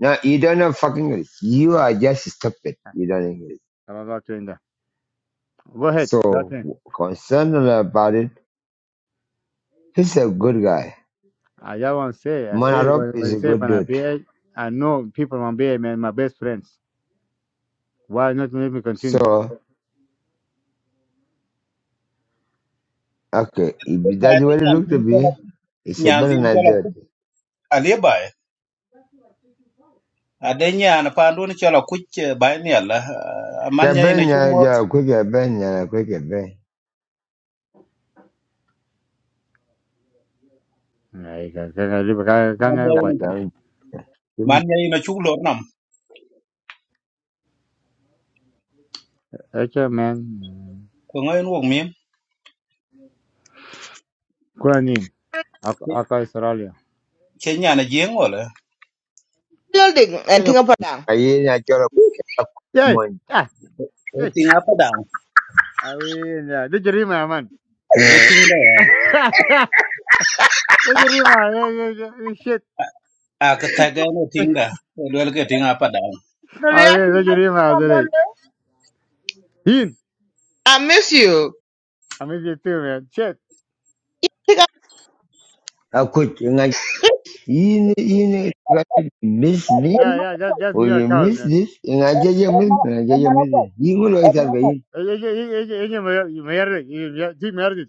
S1: No, you don't know fucking English. You are just stupid. You don't English.
S3: I don't know what to end up. Go ahead. That's
S1: So,
S3: it.
S1: concerned about it, he's a good guy.
S3: I just want to say, I say,
S1: Monarop is
S3: I
S1: a good dude.
S3: say, I know people want to be my best friends. Why not make me continue?
S1: So, Okay, if
S4: ma
S1: that's
S4: de
S1: what it
S4: nyan
S1: looked to
S4: tin ko
S1: be,
S4: la
S1: it's a
S4: nyan
S1: better
S4: tin ko la
S1: idea.
S4: ku ale bay ade nyan pa ndo ni ko la ku bay ni ala man nyai na chuk
S1: Cabana,
S4: mot
S1: ya, quick cabana, quick cabana.
S3: Can I do?
S4: man
S3: Can I do?
S4: nyai na
S3: Why?
S4: man nyai na chuk lor nam
S3: What? Man,
S4: ko ngai nu mi
S3: come on in. I call you earlier.
S4: ke nyan na jeng wala
S6: building and think about that.
S1: Ayen, I got a job
S3: Yeah,
S1: one.
S3: yeah,
S4: e
S3: okay.
S4: tin apa dang
S3: I win. Do you remember, man?
S4: e
S6: The
S4: tin da
S3: Do you remember? Shit.
S4: a ka ta ga no tin da e lel ke tin apa dang
S3: I win.
S6: reaction
S3: Do
S6: I
S3: you
S6: think
S3: remember? I
S6: about
S3: win.
S6: it.
S3: In?
S6: I miss you.
S3: I made you two, man. Shit.
S6: Think about
S1: I could, and I, you, you, miss me,
S6: and
S3: Yeah,
S6: my
S3: yeah. Just, just
S1: or
S3: new
S1: you
S3: account,
S1: miss
S3: man.
S1: this, and I get your
S6: and
S1: miss,
S6: my
S1: and I get your miss.
S6: and
S1: You will always
S6: my
S1: have
S6: and my
S1: it.
S3: Is it? Is it? Is it? Is it? Is it?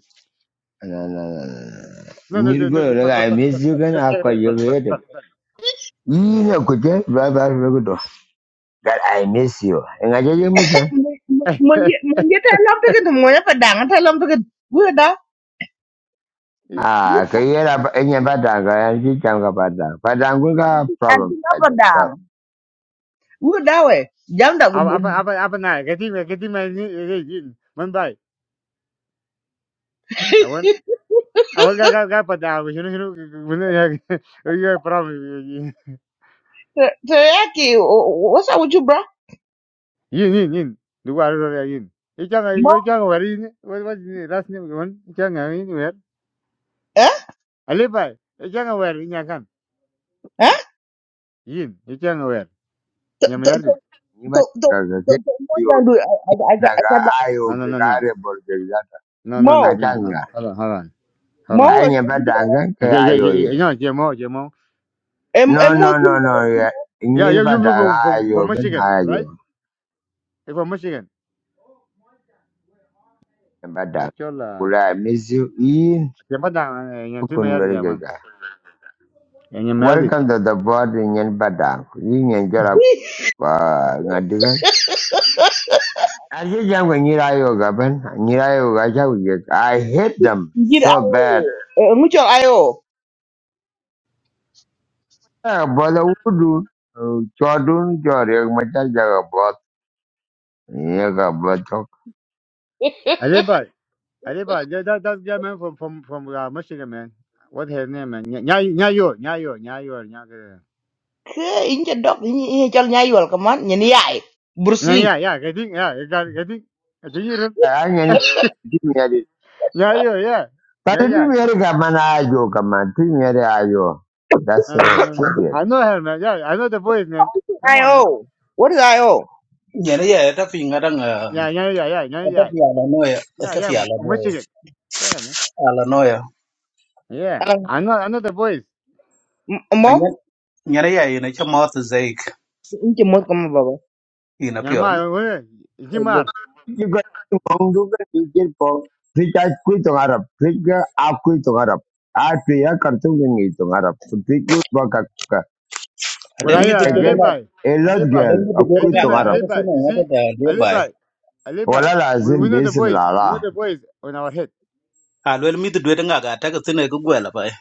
S1: No, no, no, no.
S3: No, no, no,
S1: You
S3: no.
S1: go,
S3: Put,
S1: like,
S3: put,
S1: I
S3: put,
S1: miss you, and I call you
S3: put, put.
S1: later. You know, could you, right, right, right, right. That I miss you, and I get your miss.
S6: Mungi ta lam tikin mungi pa dang ta lam tikin. Wu da.
S3: Eh,
S1: Ah, kuyera enye badanga yanzichanga badanga. Badangu ka
S6: Anti
S1: problems
S6: na
S1: by
S6: pa
S1: themselves.
S6: dang. Wu da we. Jam da
S3: apa apa apa apa nah kati me kati me ni eh, eh, man bai awan awan ga ga ga pada awan shinu shinu mana ya ya pram
S6: Teriyaki. What's up with you, bro?
S3: yin yin yin dua ada ya yin ikan
S6: Mo.
S3: ikan wari ini wat wat ini ras ni man ikan ini wer
S6: Huh?
S3: ale bai ikan wer ini akan
S6: Huh?
S3: yin ikan wer ni
S6: To
S3: mayar
S6: to
S3: dit
S6: to
S1: Niba
S6: to
S1: kaga
S6: to
S1: ke
S6: to mo
S1: yo
S6: dang du. Aja aja
S1: badanga
S6: aja da.
S1: ayo
S3: no no
S1: ke
S3: no no
S1: kare borje jata.
S3: no no no
S6: Mo.
S3: no no
S1: Akanga.
S3: hold on hold on hold on
S6: Mo.
S1: Enye badanga ke
S3: okay yeah
S1: ayo
S3: yeah
S1: ye.
S3: yeah no jemo jemo
S6: And
S1: No no no
S6: more.
S1: no ye.
S3: yeah
S1: Nyir
S3: you you you
S1: badanga
S3: from from from
S1: ayo ben
S3: Michigan
S1: ayo.
S3: right you from Michigan
S1: Badanga.
S3: it's all uh
S1: Kula misu in
S3: Dia padang eh, yang tu
S1: kun
S3: mayar dia man.
S1: bergega.
S3: Yang yang mayar dia.
S1: Welcome to the board in Badang. Yin jara I just young when you are yoga, Ben. And you are yoga, shall we get- I hate them
S6: ngir
S1: so
S6: ayo
S1: bad.
S6: eh, mucol ayo
S1: Yeah, but I would do? Uh, Jordan, Jordan, my child, Jaga, both. Yaga, both. talk.
S3: Aliba, Aliba, that that that guy man from from from uh, Michigan man. What his name man? Nya yeah, yo, yeah, yo, yeah, you, yeah. nya ke.
S6: ke inje dok ini col nyayol kaman nyeni yai Bruce
S3: Nya ya
S6: Lee
S3: ya, getting ya, getting getting. Getting you.
S1: I I can give me a
S3: Nya yo yeah,
S1: But
S3: yeah
S1: it
S3: yeah.
S1: will be a man, I yoga, man. Give me a yoga. That's
S3: No
S1: it.
S3: no no no no.
S1: Period.
S3: I know her man. Yeah, I know the voice man. Come on man.
S6: ayo what is ayo
S4: nyen ye ta fi ngada nga
S3: Yeah yeah yeah yeah yeah
S4: ta
S3: yeah
S4: fi ala no ya
S3: yeah
S4: ta
S3: yeah
S4: fi ala
S3: from
S4: no ya
S3: Michigan. Yeah man.
S4: ala no ya
S3: Yeah,
S6: Eh,
S3: I know I know the voice.
S6: m- mo
S4: nyen nyen ye na chuk mot zeik
S6: inje mo
S3: Yeah.
S6: kaman baba
S4: ina pion
S3: yeah,
S6: Eh,
S3: Nyama,
S6: bo-
S1: You got to go to get for. Preach, I quit on Arab. Preach, I quit on Arab. I pay a cartoon in it on Arab. Preach, good work.
S4: ade
S3: Còn ai Kuna
S4: mi
S1: I
S3: yeye
S1: get
S3: alibai,
S1: a lot
S3: alibai.
S4: Adon
S1: girl.
S4: mi
S1: I
S4: dudwe de
S1: quit
S3: Kaitima
S1: on
S4: ngaga ta
S1: Arab.
S4: ko
S3: alibai.
S4: sene
S3: You
S4: ngata
S3: see,
S4: da de bai.
S3: alibai, alibai.
S1: Ola
S3: We we
S1: lazin
S3: know the
S1: bisem
S3: voice.
S1: la
S3: We know
S1: la.
S3: the voice on our head.
S4: A lwel mi dudwe de ngaga ta ko sene ko gwela bai.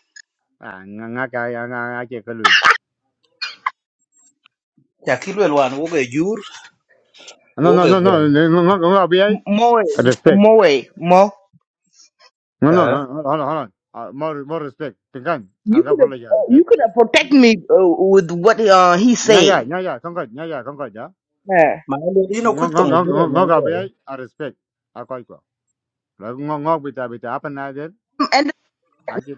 S3: À nga nga cái, nga nga cái cái kalui.
S4: Ya ki lwel wan wo ge jur
S3: No
S4: wo
S3: no
S4: ge
S3: no
S4: gwel.
S3: no. Nga nga nga nga biai.
S6: m- mo way,
S3: Respect.
S6: mo way, mo
S3: No no.
S4: Eh.
S3: no, Hold on hold on. Uh, more more respect. Tingkan.
S6: you
S3: Aga
S6: could have
S3: apologize,
S6: you
S3: okay?
S6: could have protect me uh, with what uh, he's
S3: Nha ya,
S6: saying
S3: nha ya, không kongkot, nha ya, kongkot ya.
S6: Eh.
S4: Ma le dino ku
S3: Ngo ngo
S4: tong
S3: ngo
S4: jure
S3: ngo
S4: ne
S3: ngo ka
S4: ne.
S3: biai. I respect. À coi coi, Akoi ko. Ngo ngo bita bita apa na den?
S6: and
S3: Aje.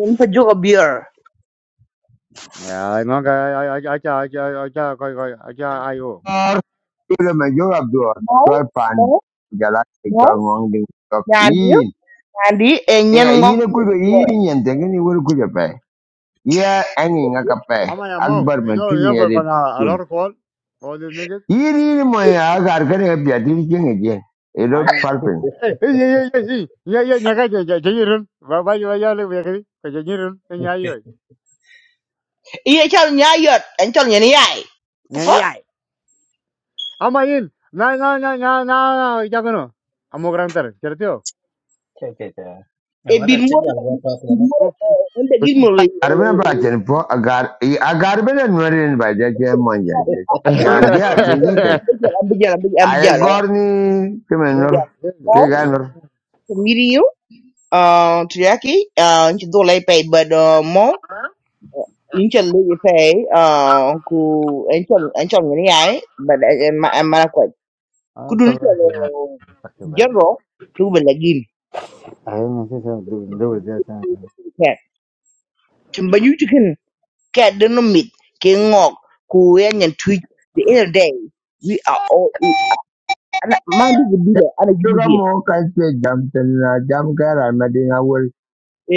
S6: in pa jogo beer
S3: Ya, ai ka ai aja aja coi koi koi ai ayo.
S1: Tumu majuba duo, duo
S6: mo mo
S1: pandi jala
S6: mo
S1: jaga wangding
S6: nyandi
S1: topin.
S6: nyandi e
S1: Ee,
S6: ngok
S1: ini kujabo ini nyantengini wul kujape. Ia enginga kape.
S3: I'm an amount.
S1: Akbar
S3: You know, you know, but uh,
S1: mencintai
S3: a
S1: tur.
S3: lot of call. All these niggas.
S1: Ini ini moya agar nengah jadi jengi jengi.
S3: I
S1: Ero
S3: am.
S1: parpen.
S3: Hey, hey, hey, hey, hey. Yeah, yeah, nyaga, ja, ja, ja, run. Ba, ba, ja, ja, le, ba, kiri. Ka, ja, ja, run. Ja, ja, ja.
S6: iye col nyayot en col nyeni yai
S3: Ja, ja. Ama in. Na, na, na, na, na, ja, kano. Amo gran tar. Cherte ho.
S4: Che che che. Ya
S6: e
S4: ngata
S6: bir
S4: che
S6: mor
S4: ya gwa ta ta.
S6: bir
S4: na.
S6: mor
S3: Oh.
S6: onda gizmo le
S1: Arman bacaan po agar. Agar mana nurin bacaan maja. Jangeting
S6: abijala
S1: jengke.
S6: abijala abijala Abijala
S1: Ayakorni
S3: Aye.
S6: yeah
S1: kemener ke
S6: oh
S1: ganor.
S6: to meet you uh to yaki uh to do like pay but uh more incha le pay uh ku incha incha ngani ai but am mara kwa
S3: Ah,
S6: kudu ni
S3: tabra kiya. Takki baat.
S6: jero tu belagin
S3: Aye, nahi sab do do jata.
S6: cat timbanyu chicken cat don't meet king ngok ku yan yan tweet the other day we are all equal ana mandi gi dile ana gi
S1: Suka
S6: dile
S1: mo ka ce jamtin na jam kara madina awul.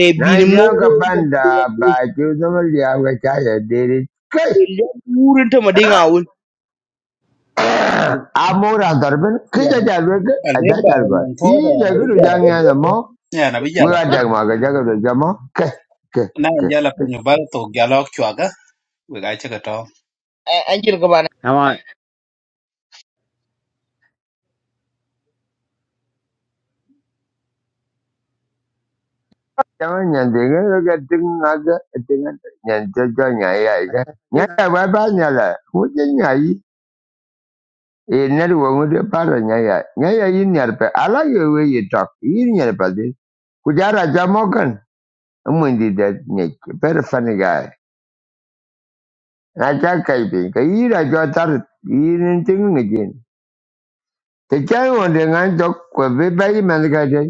S6: e
S1: Na
S6: bil
S1: jam
S6: moro
S1: ka
S6: da ba da
S1: banda
S6: ya-
S1: ba ki zama liya ga kaya dere. Kai!
S6: e le wurin ta madinga wul
S1: Amora garbin kai
S4: Ya
S1: ta
S4: na
S1: jalwe ga
S4: a
S1: a
S4: le
S1: ta
S4: ba
S1: jalwa.
S4: non to da
S1: Yi
S4: na bi
S1: jagadu
S4: ya la
S1: jan
S4: pin.
S1: ya zama
S4: Ya na bi ya la
S1: wura
S4: pin.
S1: da ma ga jagadu jama kai kai
S4: Na
S1: kai
S4: ya la pin
S1: kai.
S4: yo ba to ga lo chwa ga. We ga che ka to.
S6: an kin ka ba
S3: Ama.
S1: Jaman yan dinga ga din na ga dinga yan jajan ya ya ga. Nya ya ba ba nya la. Wujin ya yi. E na ruwa mu da fara nya ya. Nya ya yi nyar pe ala ye we yi tok. Yi nyar pe Kujara Jamogan, Mundi that Nick, very funny guy. And I can't keep it. He I got that eating thing again. The child on the nine dog could be by him and the guy.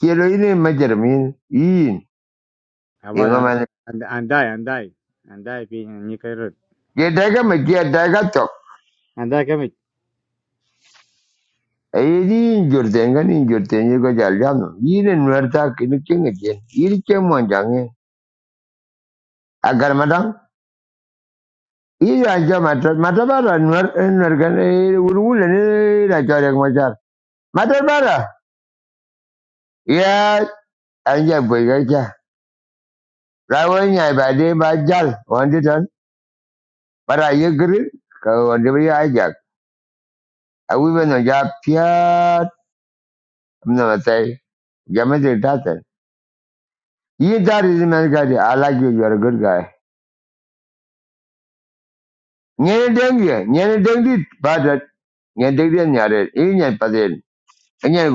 S1: Kilo in a major mean, in a
S3: Ama
S1: man.
S3: and and die and die and die. Pi nikhe
S1: Get dagger, my dear dagger talk.
S3: run.
S1: I didn't your thing and in your thing you got Jaliano. You didn't wear that in the king again. You came on young. I got madam. He I jam at Matabara and Nergan, Urul and I got a majar. Matabara. anja boygacha rawanya bade bajal wande tan bara yegri ka wande bi ajak awi beno ja piat no matai jamete tatan yi dari man gadi alaje you you are a good guy nyene dengi nyene dengi bada nyene dengi nyare yi nyane paden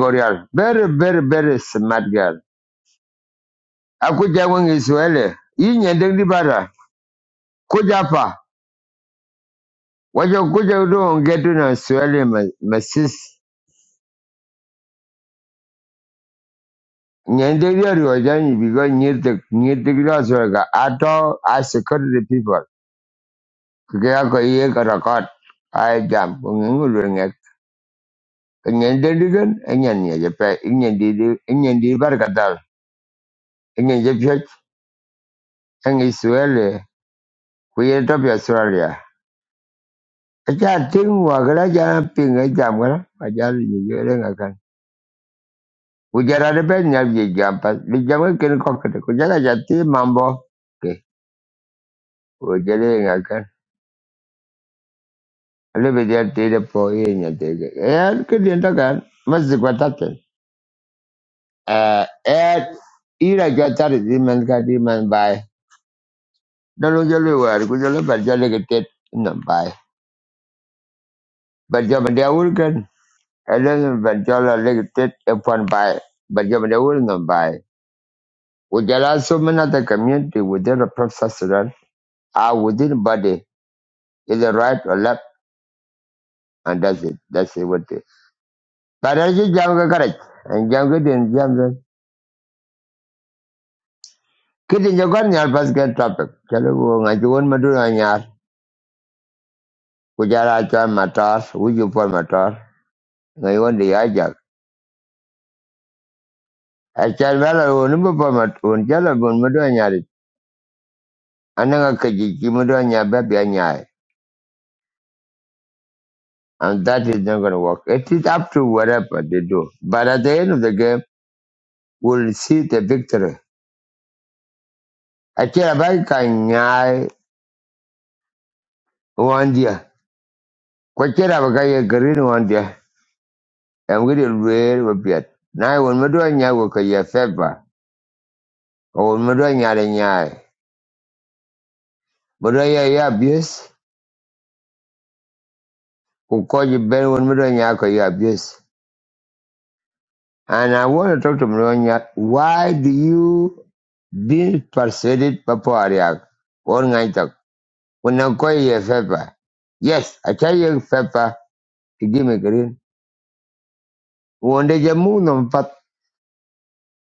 S1: gorial very very very smart girl aku jawang isuele yi nyene dengi bara kujapa wajo kuja do ngetu na suele masis Nyenderi was because near the near ato grass worker. I security people. Kaya ko iye ko record. I jam ngengul ngeng. Nyenderi gan enyan ni je pe nyenderi bar kadal. Nyen je pe ang Israel ku ye to Australia. Aja ting wa gara ja ping e jam gara. Aja ni ngakan. Ku de ben nyab je jam pas. Bi jam ken ko kete. Ku ja mambo. Ke. Ku ngakan. Hello, we just need to pour in. Yeah, can you understand? Must be quite certain. Ah, and he just try to find somebody, somebody. Don't you know? I go to learn. I go to get it. No, bye. But just a little bit. I don't know. But just a little bit. If one bye, but just a little bit. Bye. We just also another community within the process run or within body is right or left, and that's it. That's it. What is? But I just jam go correct. I jam go then jam then. Kiti nyogon nyar basket topic. Chalo ko ngaji won madura nyar. Kujara chan matar, uju pol matar. Ngaji won di ajak. Achan vela won umbu pol matar. Won chala won madura nyar. Ananga kaji ki madura nyar babi anyai. And that is not going to work. It is up to whatever they do. But at the end of the game, we'll see the victory. Achira bai ka nyai one dia. Kwachira baka ye green one dia. Emgidi lwer wapiat. Nai won madura nyar wakaye favor. won mi do nyaade nyaai mi do ye ye abuse ku ko ji ben won mi do nyaa ko ye abuse and i want to talk to Mronya, why do you be persuaded papa ariak or ngai tak when i ko ye fepa yes i tell you fepa to give me green wonde je mu no pat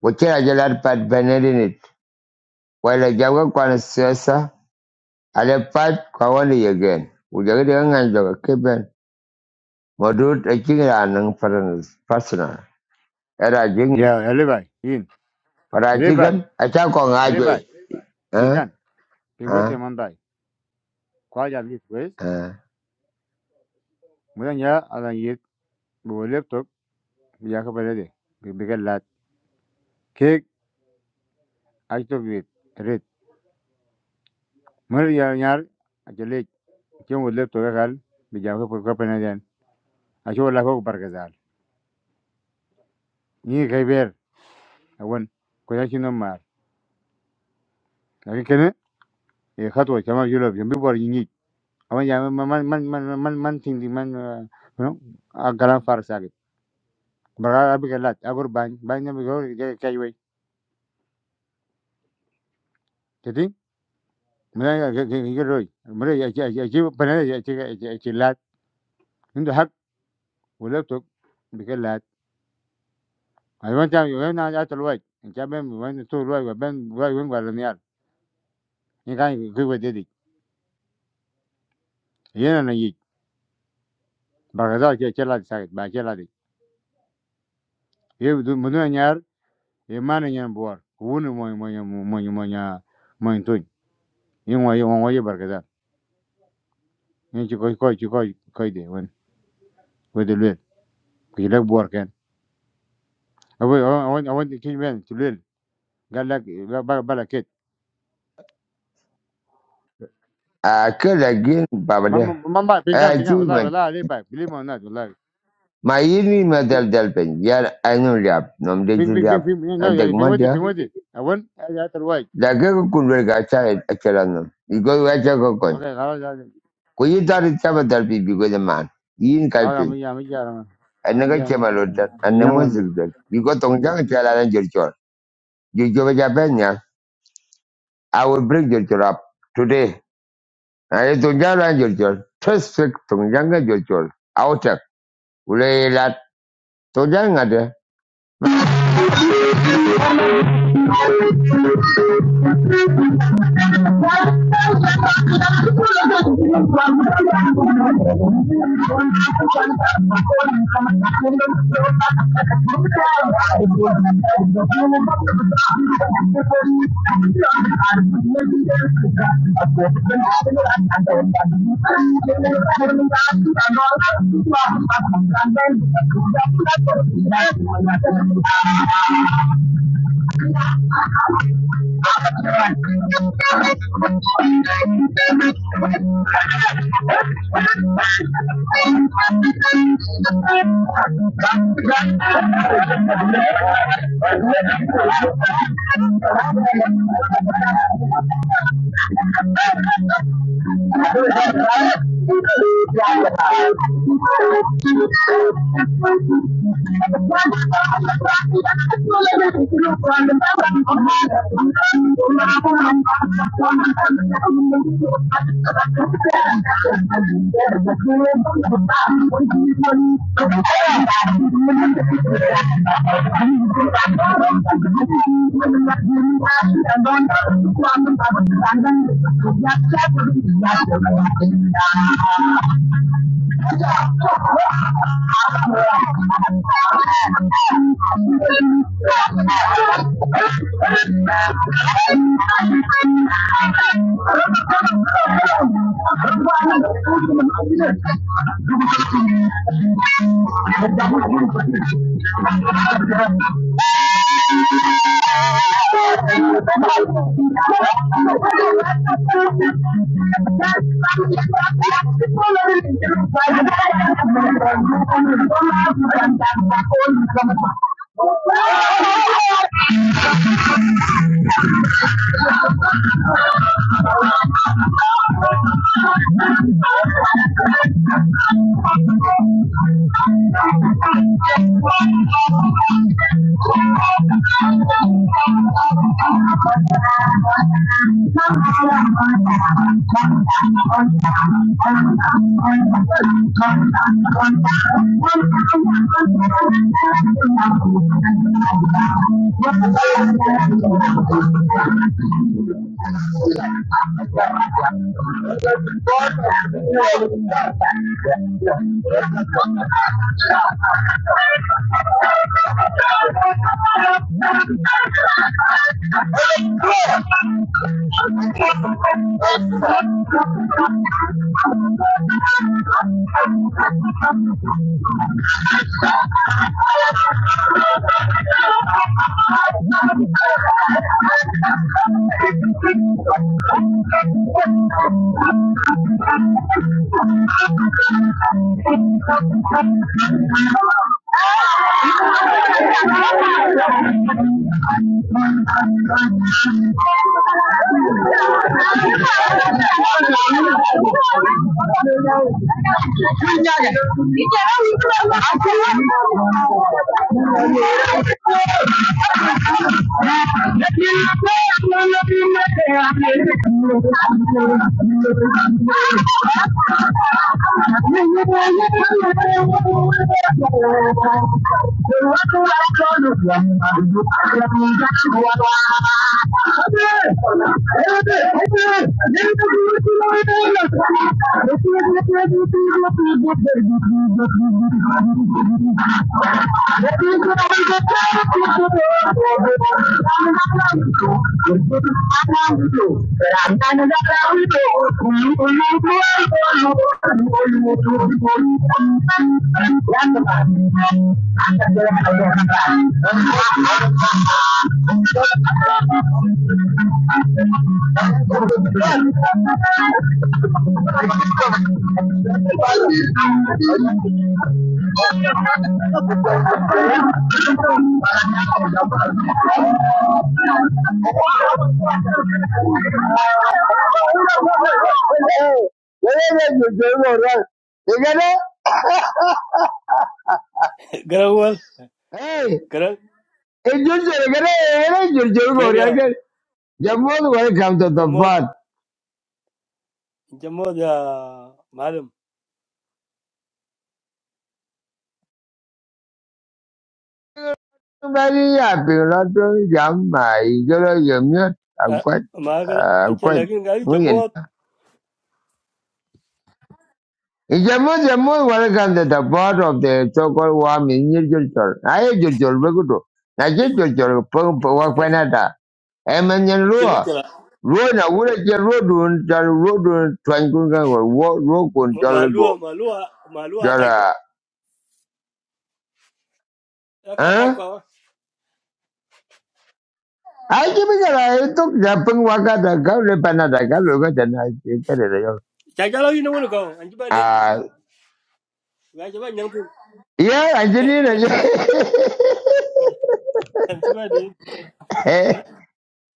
S1: ko kira je lar pat benedin it wala jago kwana sesa ale pat kwa wani again ujagde ngai tak keben modut a kinga nang personal era jing
S3: ya arriba bien
S1: para
S3: arriba
S1: chigan acha ko ngaje
S3: arriba
S1: eh
S3: pegan tengo
S1: eh
S3: demanda hay cuál ya ves pues
S1: eh
S3: mucha ya ahora ya me voy a levantar y ya que pone de que me callo que ayer todo red mejor ya nadie acelé que yo me levanto ya claro y ya que por qué pone allá ayer la joco para que sal ni Javier bueno con la chino mar aquí que no el hatu llamado yo lo pienso por allí ni a mí ya me man man man man man man man man man no agarran farc salí baga abiga lat agor ban ban na go je kai we tedi mena ga ga roi mena ya ya ya ji pana ya ji ya ji lat inda hak wala to biga lat ai wan ta yo na ya to loi in ja ben wan to loi ga ben loi wen ga niar ni al in kan ku we dedi yena na yi baga za ke ke lat sa ba ke lat ye du mena nyar ye mana nyan bor wuni mo mo mo mo mo mo to yin wa ye wa ye barka da yin ci ko ko ci ko ko de wen we de le ki lek bor ke I want, I want, I want the change man to learn. God like, like, like that.
S1: a kala gin babade
S3: Mam, mam, ba, pingan,
S1: a ju
S3: pingan. Ola,
S1: me
S3: ola, ali ba. Believe me or not, ola.
S1: ma yini ma
S3: Ping,
S1: dal dal ben yar anu rap nom de ju
S3: ping,
S1: rap
S3: ping, ping.
S1: antek
S3: No, ping whaty,
S1: manja
S3: ping whaty. I want. I just invite.
S1: da ke ko kulwer ga cha achara nam igo wa cha ko kon
S3: Okay, I'll just.
S1: ko yi dar cha ba dal bi bi go de man yin kai
S3: I'll
S1: pin
S3: amija, amija,
S1: an ga
S3: amija,
S1: che ma lo da
S3: amija.
S1: an
S3: I'm
S1: mo
S3: going to.
S1: zig da igo tong jang cha la ran chor ju jo ba ja ben ya i will bring jer chor up today Ay tunjala jol jol. Tespek tunjanga jol jol. Outak. Ule la tunjanga de. Thank you. Thank you. Thank you. Yeah. Thank you. Thank you. Welcome to the
S7: Garawal, Garang, Kevia, Inchamot,
S1: pod.
S7: Inchamot, ya, madam.
S1: Very happy, not doing jam. My girl, you mute. I'm
S7: Ah,
S1: quite,
S7: Margaret,
S1: uh, I'm
S7: it's a
S1: quite.
S7: lagging guy,
S1: We
S7: Inchamot,
S1: Ijambo jambo welcome to the board of the so-called warm individual. I individual begudu. Na individual pung wa
S7: a
S1: kwenata. Emanyan ruo.
S7: chivicula,
S1: Ruo na wura je ruo dun jar ruo dun twan kun ga go wo ruo kun jar go
S7: Malua, Malua, Malua Kaikwa.
S1: jara.
S7: Aka
S1: Huh?
S7: Kaikwa.
S1: Ai ji mi gara e tok ja pung wa ga da ga le panada ga lo ga da na yo.
S7: Chagalo, you know, want to go, and you ban in,
S1: Ah,
S7: Rajaban Yankee,
S1: yeah, engineer.
S7: and you ban in.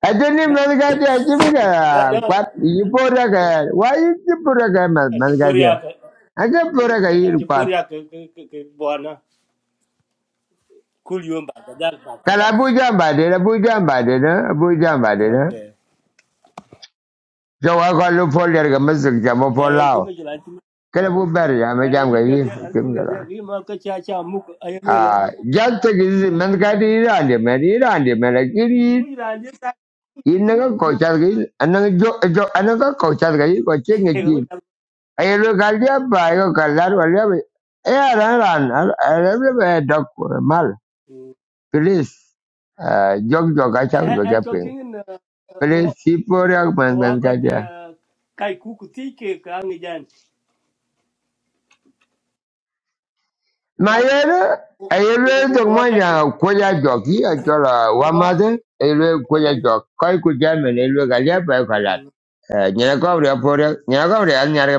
S1: Ajini malgaji ajimi ka
S7: No, no,
S1: kwat yipora ka why yipora ka mal-
S7: and to
S1: malgaji
S7: Puriaka,
S1: aja pora ka yir
S7: and to
S1: kwat
S7: Puriaka, Buana, cool you back, that back, that.
S1: kala buja mbade na buja mbade na buja mbade na
S7: Okay.
S1: so wa ko lu fol der ka masuk jamo fol
S7: Eh,
S1: lao
S7: chivicula,
S1: kala bu ber ya ma
S7: ana
S1: jam ka
S7: jinga
S1: yir
S7: dia an
S1: kim
S7: jinga dia
S1: kala
S7: ki ma ka cha cha mu ay ne la
S1: ah jat te gizi malgaji irande mer irande mer kiri
S7: mu ila ni ta
S1: inna
S7: mu
S1: ka kochar ka anna jo jo anna ka kochar ka yir ko
S7: he
S1: chenge
S7: ga ka
S1: Ayelo kalia ba yo kalar walia be. Eh ran ran arable be dok mal. Please eh, jog jog acha be
S7: an to
S1: gape.
S7: tin na
S1: Please sipor yak man
S7: wa
S1: man
S7: ka
S1: kadia.
S7: kai ku ku ti ke ka ngi jan
S1: Ma
S7: wa ka
S1: yelo ayelo to mo
S7: wa ka to
S1: ya ya
S7: wa
S1: jog yi achola wa made ayelo ko
S7: wa ka
S1: jog. Koi ku jam ne ayelo kalia ba yo
S7: to
S1: kalar. Eh nyana ko re por nyana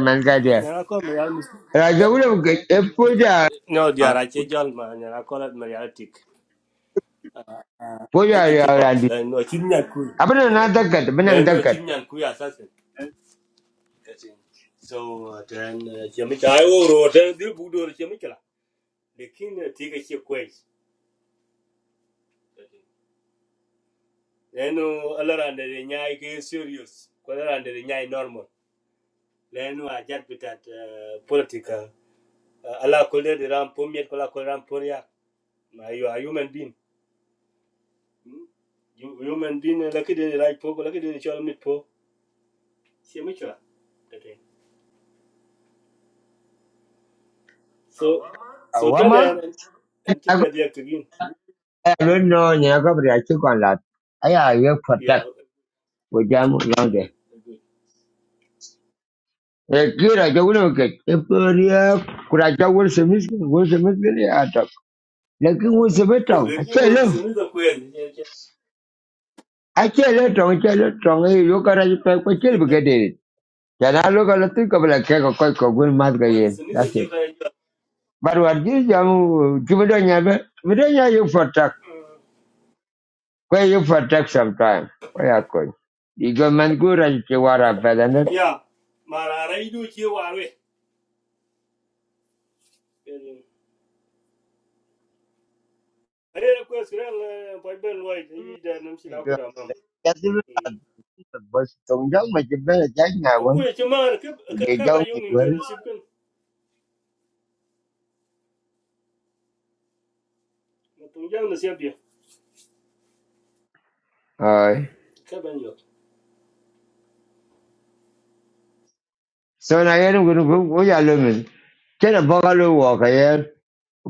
S1: man kadia.
S7: ne ra ko me ya mi
S1: Raja ulo ke epoja
S7: no dia ra che jol ma ne ra ko la me ya tik
S1: poja
S7: e
S1: ya
S7: chi pop
S1: randi.
S7: la no chin nyan ku
S1: Apa na dakat
S7: la
S1: benang
S7: no
S1: dakat.
S7: chin nyan ku ya sa Getting. So uh, then chemical I or then the budo chemical. The king take a chip quiz. Then uh, all around the nyai is serious. All around the nyai normal. Then no, I just with that uh, political. Ờ, Allah called it ram pomiet kola kola ram poria. Ma you are human being. Hmm? You human being lucky the right po lucky the chol mit po. Chemical. Getting. So so then
S1: Wa
S7: and and think that they have to
S1: I don't know, you know, but I took on that. I have you for
S7: Yeah.
S1: that with them long
S7: Yeah.
S1: day.
S7: Good.
S1: A kid, I don't know, get a period. Could I tell what's a miss? What's a miss? I talk. Like it was a bit of. I tell
S7: Lakini
S1: you.
S7: Suniza kweli ke-
S1: I tell you, Tom, I tell you, Tom, hey, look at it, I could kill
S7: ke- ke-
S1: because it. Then I look at the think of like a cake of quite a good mask
S7: wani
S1: again.
S7: Suniza
S1: That's
S7: ke
S1: it.
S7: kayajua.
S1: But what this young Jimadanya, but then you for talk. Where you for talk sometime. Where I could. You go man good and you are a better.
S7: Ya, mararai do ke warwe. Are ko siran pa ben wai ke yi da nam shi na ku mam.
S1: But don't tell me you better take now
S7: Aku
S1: one.
S7: ya cuma
S1: We
S7: ka
S1: get
S7: ka ba
S1: young
S7: yau min ga
S1: people.
S7: nasib kan. Mutum ya nasib biya.
S1: Alright.
S7: Ka ban yau.
S1: So now you're going to go to Lumen. Can a bungalow walk ahead?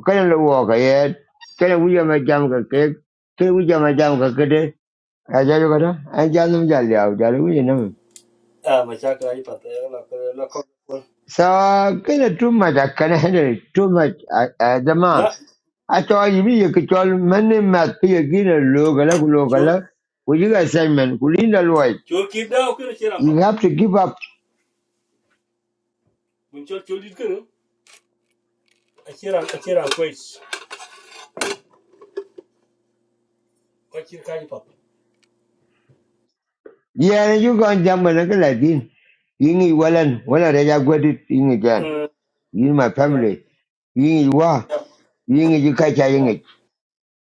S1: Can a walk ahead? Can a William a jam a cake? Can a William a jam a cake? I tell you what, I tell them Jolly out, Jolly William.
S7: Ah, ma sha ka yi fata ya na ka na ka.
S1: So, can a too much, I can handle it too much. I, the man.
S7: Na,
S1: I told you, you could tell many math, you get a look, a look, a look, a
S7: chor
S1: look. Would you guys say, man, could you know what?
S7: chor ki da ku na kira
S1: You
S7: fa.
S1: have to give up
S7: Mun chor chor dit kan. A kira a kira kwai. Ko kira ka yi fata.
S1: Yeah, you go and jump like a in. Ying Wallen, when I read I got it in again.
S7: Eh,
S1: You my
S7: ya.
S1: family. Ying wa, ying you catch a
S7: Ya.
S1: ying it.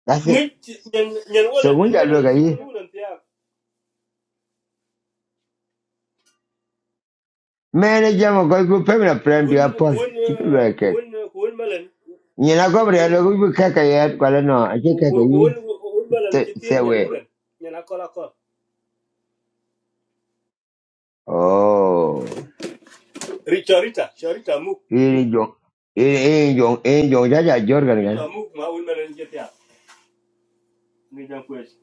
S1: That's it.
S7: nit nyen nyen wala
S1: So when
S7: nyen
S1: you
S7: wala
S1: look
S7: da
S1: at
S7: shi
S1: you,
S7: wani wunan tiya
S1: man, I jump a good family
S7: ku
S1: friend be a
S7: wun ku
S1: paul.
S7: wun
S1: Chicken
S7: eh,
S1: work
S7: ku
S1: cake.
S7: wun ku wun malan
S1: You know,
S7: ku
S1: go
S7: ku
S1: there, look, you cack a yard, but I know, I take a
S7: ku ku wun
S1: you.
S7: ku wun malan ci tiya
S1: Say
S7: nyen
S1: away.
S7: wulan nyen akol akol
S1: Oh,
S7: rita rita rita mu
S1: ini jong, ini ini jong, ini jong jaja jorgan
S7: rita
S1: kan.
S7: mu ma wun malan ci tiya ngi jam ko ci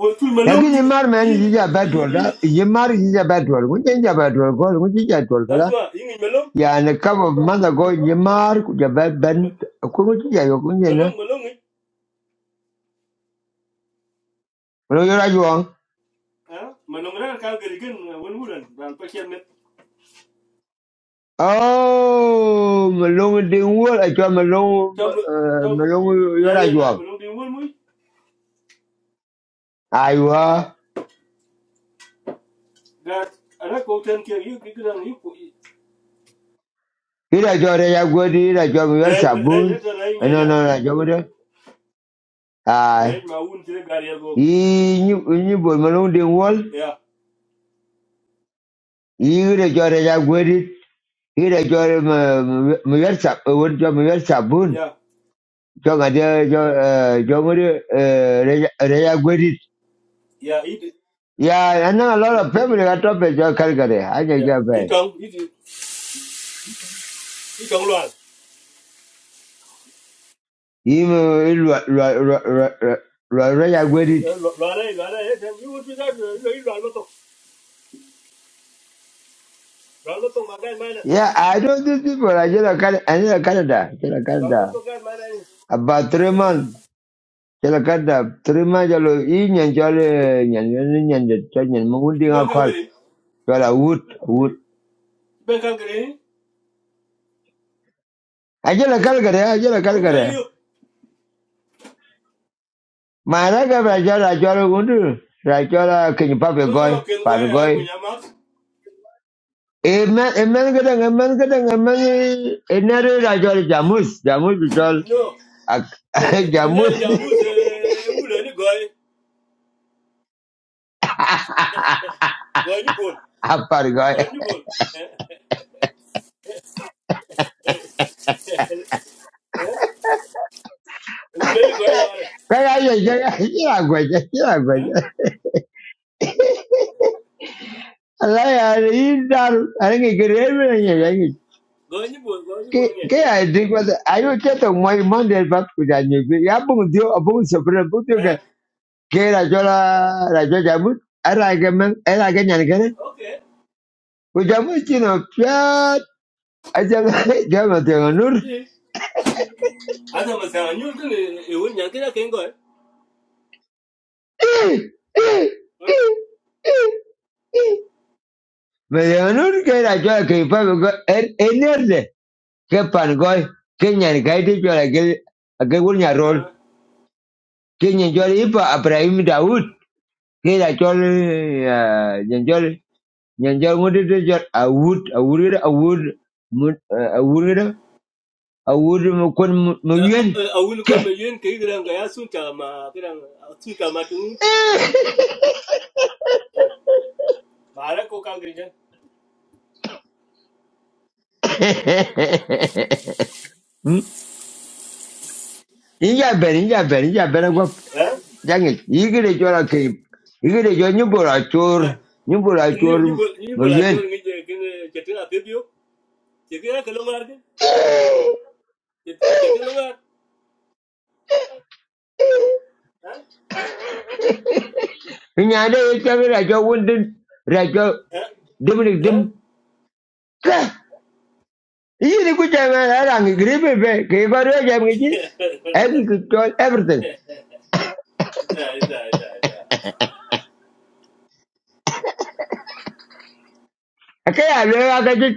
S7: won tul malom
S1: Lagi ni
S7: yi
S1: mar man,
S7: yi
S1: jija betul
S7: yi
S1: dah. Jemar jija betul. Mungkin jija betul. Kau mungkin jija betul
S7: azma yi ngi malom
S1: yani kaba manda go nyimar ku ja ben ben ku ngu ti ja yo ku nyena
S7: malom malom ngi
S1: lo yo ra juang
S7: ha malom ran ka gari gen won wulan dan pa kiyam ne
S1: oh melong ding wol a jo melong
S7: tom tom
S1: melong
S7: ya
S1: yo ra
S7: ya na
S1: juang
S7: malom bi won mu ya
S1: aiwa
S7: That ana ko ten ke yu ki gran yu ku
S1: ira jo re ya go di ira jo yo
S7: re re re
S1: sabun
S7: re re
S1: Eh,
S7: nya
S1: no
S7: ja
S1: no ra jo de ai
S7: re ma un ti gar ya go
S1: i ni ni bo melong ding wol
S7: ya
S1: i ira jo re ya go sabun
S7: ya
S1: jo ga jo eh, jo mo de re
S7: ya i
S1: Yeah, I know a lot of family got top at your Calgary. I can
S7: ya
S1: get
S7: i
S1: back.
S7: tong i i tong loan
S1: Even Roya it.
S7: loan ai loan ai ten yu ti da yu yu loan lo to loan lo to ma ga ma na
S1: Yeah, I know these people. I just a Canada. I know Canada. Just a
S7: loan lo
S1: Canada.
S7: to ga ma na
S1: About three months. Just a Canada. Three months. Jalo in and jolly and and and the church and
S7: i
S1: Mundi
S7: ti
S1: a
S7: ben ka
S1: call.
S7: gre
S1: Jala wood wood.
S7: ben ka gre
S1: I just a Calgary. I just a
S7: un ka
S1: Calgary.
S7: yu
S1: My record. I just a jolly wood. I just a can you pop a
S7: ah
S1: goy?
S7: ken ko ya mu nya ma
S1: Emen, emen kadang, emen kadang, emen enare rajol jamus, jamus betul.
S7: no
S1: Ak-
S7: ken le
S1: jamus
S7: ja mu se u le ni go go ni bol
S1: apa
S7: go
S1: gaya?
S7: ni bol u le ni go
S1: Kaya ya, ya, ya, gue aja, ya, gue
S7: ya
S1: aja. Alah ya, ini dar, ada yang keren ya, ya.
S7: Eh, Gonyi bol, gonyi bol
S1: Kayak
S7: ngete.
S1: ada gue, ayo kita mau mau dari bab kuda nyubi. Ya bung dia, bung sebenarnya bung dia
S7: Eh,
S1: kan. Kayak rajol, rajol jamus, ada yang men, ada yang nyanyi kan?
S7: okay.
S1: Kujamus cina piat, aja jangan jangan nur.
S7: Yes. Asa masa nyul kan e won nyan kira ken gol. Eh?
S1: Milyoner ke na cho ki pa ko en ener de ke pan go ke nyan ka ti cho la ke ke gur nya rol ke nyan cho i pa Ibrahim Daud ke na cho nyan cho nyan cho ngut de cho awud awud awud awud awud mo kon mo yen
S7: Eh, awul
S1: ke
S7: kon me yen ke gran ga yasun ta ma gran tu ka ma tu. Ya. Mara ko kan grin.
S1: inja ber inja ber inja ber go
S7: Eh?
S1: jangi i cho la ke i ke nyu bo chor nyu bo
S7: Ni
S1: chor
S7: ni bol ni
S1: mo
S7: bol a
S1: yen
S7: jor ngi je ken chetin a pebio. Che kira ke lo ngar ke. Chetin lo ngar. Eh?
S1: Nyande yitami rajo wundin rajo
S7: Eh?
S1: dimnik dim.
S7: Eh?
S1: dim. Yini kuchama arangi gribi be kikoro jamgichi em control everything.
S7: Ita, ita, ita, ita.
S1: Akay alo akaji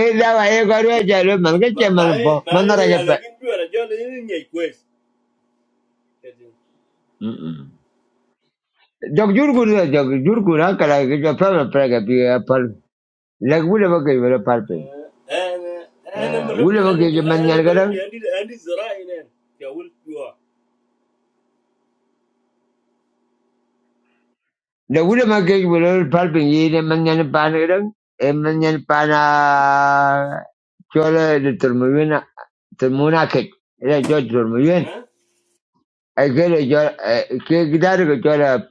S1: eda wa ekoro jalo manga chaman
S7: Mai
S1: bo
S7: mai
S1: mana
S7: ni
S1: raja
S7: ala
S1: pe.
S7: kin ju ara jor ni nyai kwes.
S1: Jog jurgu na jog jurgu na kala kicho pama praga pi apal. Lag wule bakai wala palpe.
S7: انا انا
S1: Wule
S7: مربي انا
S1: bakai
S7: مر-
S1: jaman
S7: انا
S1: nyalgada
S7: مربي عندي عندي زراعي هنا يا ولد جوا.
S1: Lagula magkakita ng palpinye na manyan panerang, e manyan panah? Jola ayuto muna, tumuna kit. Ilang jod tumuyen.
S7: ها
S1: Akin ay jod. Kita ay jola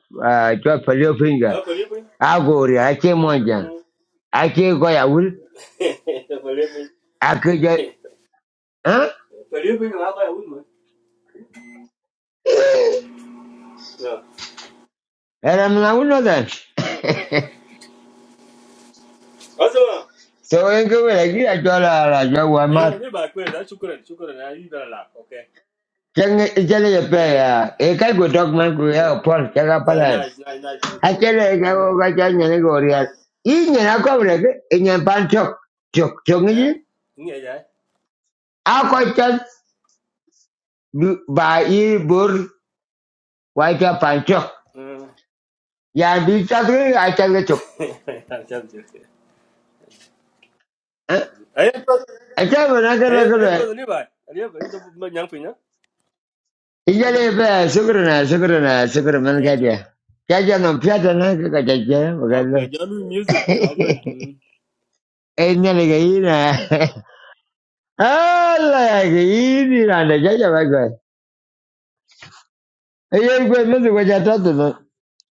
S1: jola palipin ka.
S7: ها فليبي
S1: Ako oriyakimong jan. Akin ko yaul.
S7: فليبي
S1: Akin jod. Huh?
S7: فليبي معاك يا ولد ما. نعم.
S1: Eram na yaul na din.
S7: اسمع
S1: So ang kung magigya jola ay jawa
S7: انا
S1: mat.
S7: اللي بعد كده. شكرا شكرا انا اللي بلعب. اوكي
S1: Cang iting
S7: يلا
S1: yipaya. Eka gudogman kuya upo sa
S7: يا
S1: pagpalaan.
S7: نايس نايس نايس.
S1: achele chago kacha nyene gorial i nyene kobreke i nyen pan chok chok chok ngi
S7: ها نيجي جاي.
S1: ako chat du- ba i bor waita pan chok
S7: ها
S1: ya bi chat ri chok Eh,
S7: ايه
S1: a chat ba na kala
S7: ايه ايه
S1: kala
S7: اللي بعد اللي بعد انت ما نعرف هنا.
S1: i jale be man ka
S7: شكرا
S1: dia cha cha no pyata na ka ka cha cha ba ka lo
S7: اوكي جالو ميوزك. اوكي
S1: e nyene ga na ala ya ga i ni na da cha cha ba ka e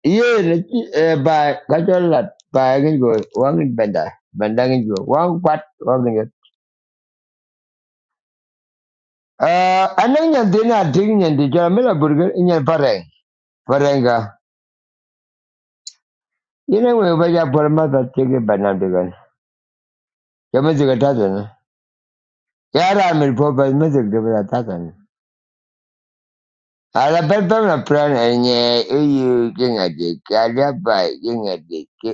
S1: ye ne chi eh, bai ka cho lat bai ngi go wang ngi benda benda ngi go wang pat wang ngi eh anang nyan de na ding nyan de ja me burger nyan pareng parenga ine we ba ja por ma ta che bana de gan ya me zega ta de na ya ra me po ba me zega de ba ta ta ala pe pe na plan enye e yu ke de ka ja bai ke de ke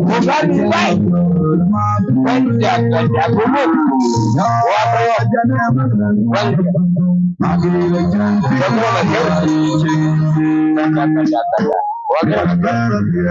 S1: mo ba ni bai kan ja kan ja mo mo ko mo ma ke Thank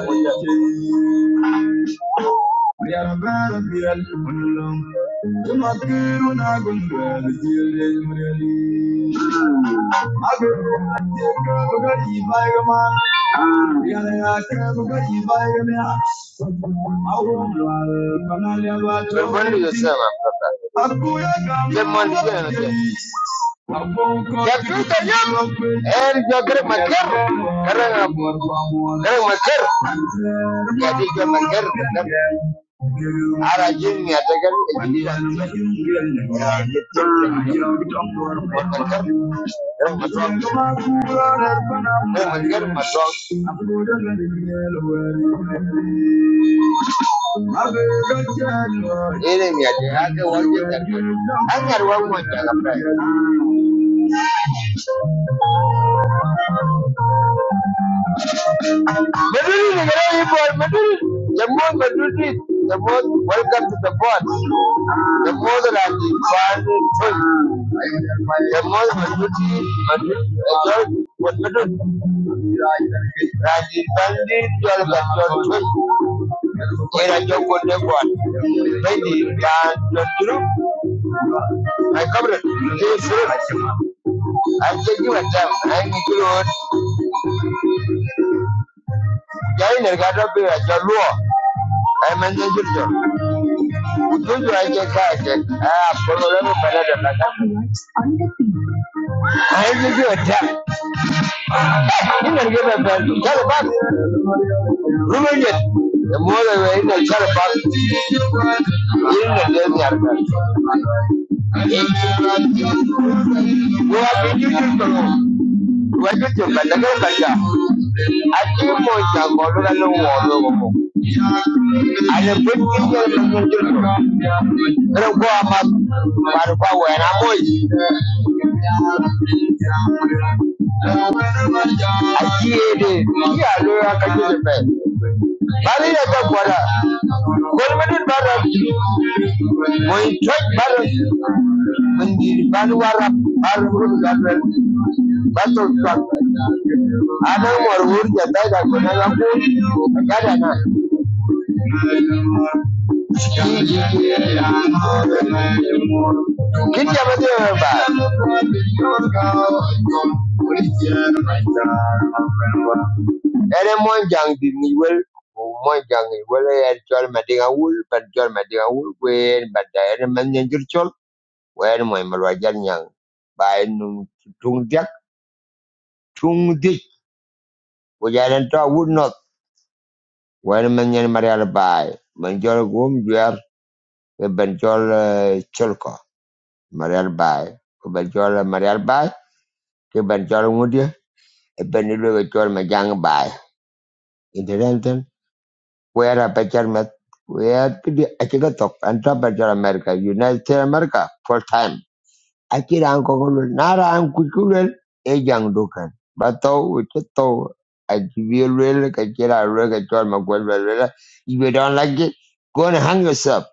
S1: you. Ayarabara Bial Punulum, the Matiru Nagundra, the Gilil Murali. We're burning yourself up, brother. Get money, get energy ya tuta er en jogre maker karang karang maker ya di jogre maker kadang ara jadi ya gitu maker karang ini ya ada wajib kan anggar macam apa berdiri negara ini The the most what God, the most joy, the most beauty, and the joy here I go the God. I'm taking a time, the up here, I am an individual. Ugonjwa wake kake, ah, I give you a tap. You can give a tap. Tell a buck. Ruben it. The more they were in the tell a buck. You know, they're the other. We have been using the room. We have been using the room. I came on the border and the wall. And a big deal from the children. But a boy. Boy, I got it. Get your Ene mon jang di ni wel o mon jang ni wel en chol ma dinga wul ban chol ma dinga wul wen ba da ene man nyen jur chol wen mo ma wa jan nyang ba nu tung dak tung dik o ja to wul not wen man nyen marial bai man chol gum jwer ke ban chol eh, chol ko marial bai ke ban chol marial bai ke ban chol ngudie e ban ni lo chol ma jang bai where a better met where the Akigatok and top better America, United States America, full time. Akira Ankogulu, Nara Ankukulel, a young Dukan. But though, which is though, I give you really, Kakira, Rega, John McGuire, if you don't like it, go and hang yourself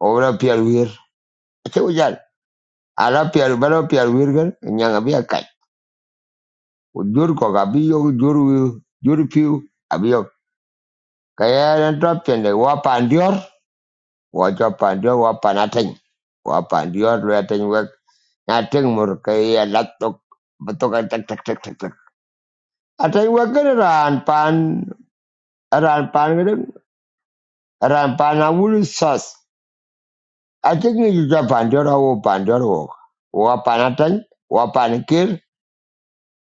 S1: over a pier weir. I tell you that, I love pier, better pier weirgan, and young Abia Kai. With Jurko, Abio, Juru, Juru Pew, Abio. Kaya and drop and the wap and your. wacho pandio wapanating wapandio rating wek nating murkei latok betok tek tek tek tek tek atai wakan ran pan ran pan gedeng ran pan awul sas ating ni juga pandio rawo pandio rawo wapanating wapanikir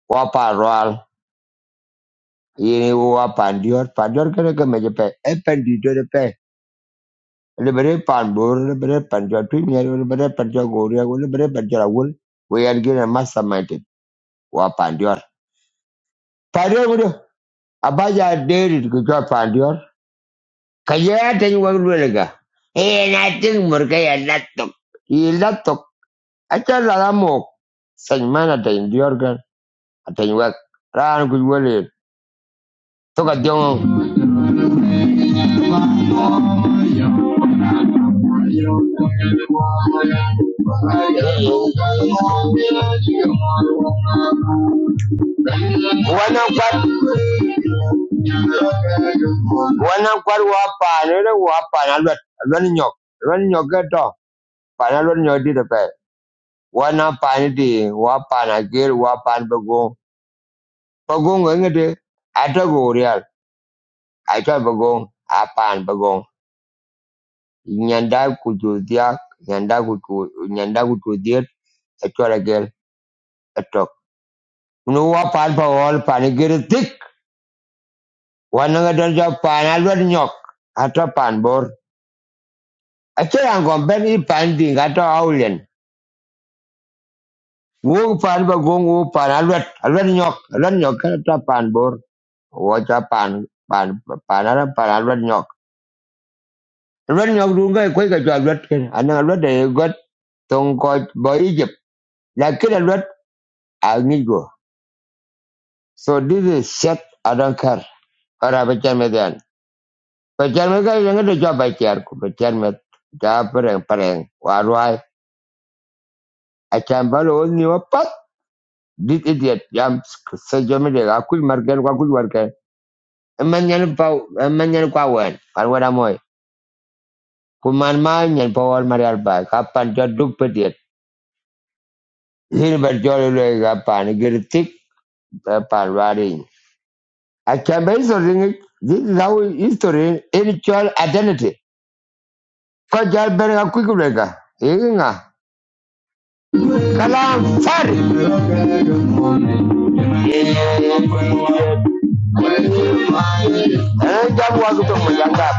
S1: waparwal ini wapandio pandio kene kemeje pe eh di do pe lebere pan lebere pandio tu lebere pandio goria lebere pandio awul we are given a mastermind wa pandior pandior gudu abaja deri ku jo pandior kaya, je tan wa lule ga e na tin murga ya latok i latok acha la mo san mana da indior ga tan dior gan atan wa ran ku wale to ka jongo wannan kwar wannan kwar wa pa ne wa pa na lot lot nyok lot nyok ga to pa na lot nyok di da Wanapani di wapan agil wapan bagong bagong engede ada gorial aja bagong apan bagong nyanda kudu dia nyanda kudu nyanda kudu dia aja No atok nu wapan bawal pan agil tik wanang ada japan alwar nyok ada pan bor aja yang gomben i pan ding ada aulen Wu pan bagong wu pan alwat alwat nyok alwat nyok ada pan bor wacha pan pan panara para lwet nyok lwet nyok dun ga ko ga jwa lwet ken ana lwet de got tong ko bo egypt la kida lwet a ngi go so this is shit i don't care ara ba chan me dan ba chan me ga yang de jwa ba char ko ba chan me da pareng pareng wa rwai a chan ba lo ni wa this idiot yam so jo me de ga ku mar gen wa ku war ke man nyan pa man nyan kwa wen par Kuman-kuman Marialba, kapan jodoh petir. Hilbert jolly le kapan gertik kapan waring. I can so ring this is how history spiritual identity. Ko jal berga kuikulega. Inga. Kalam fari. Eh jabu aku tu menjangkap.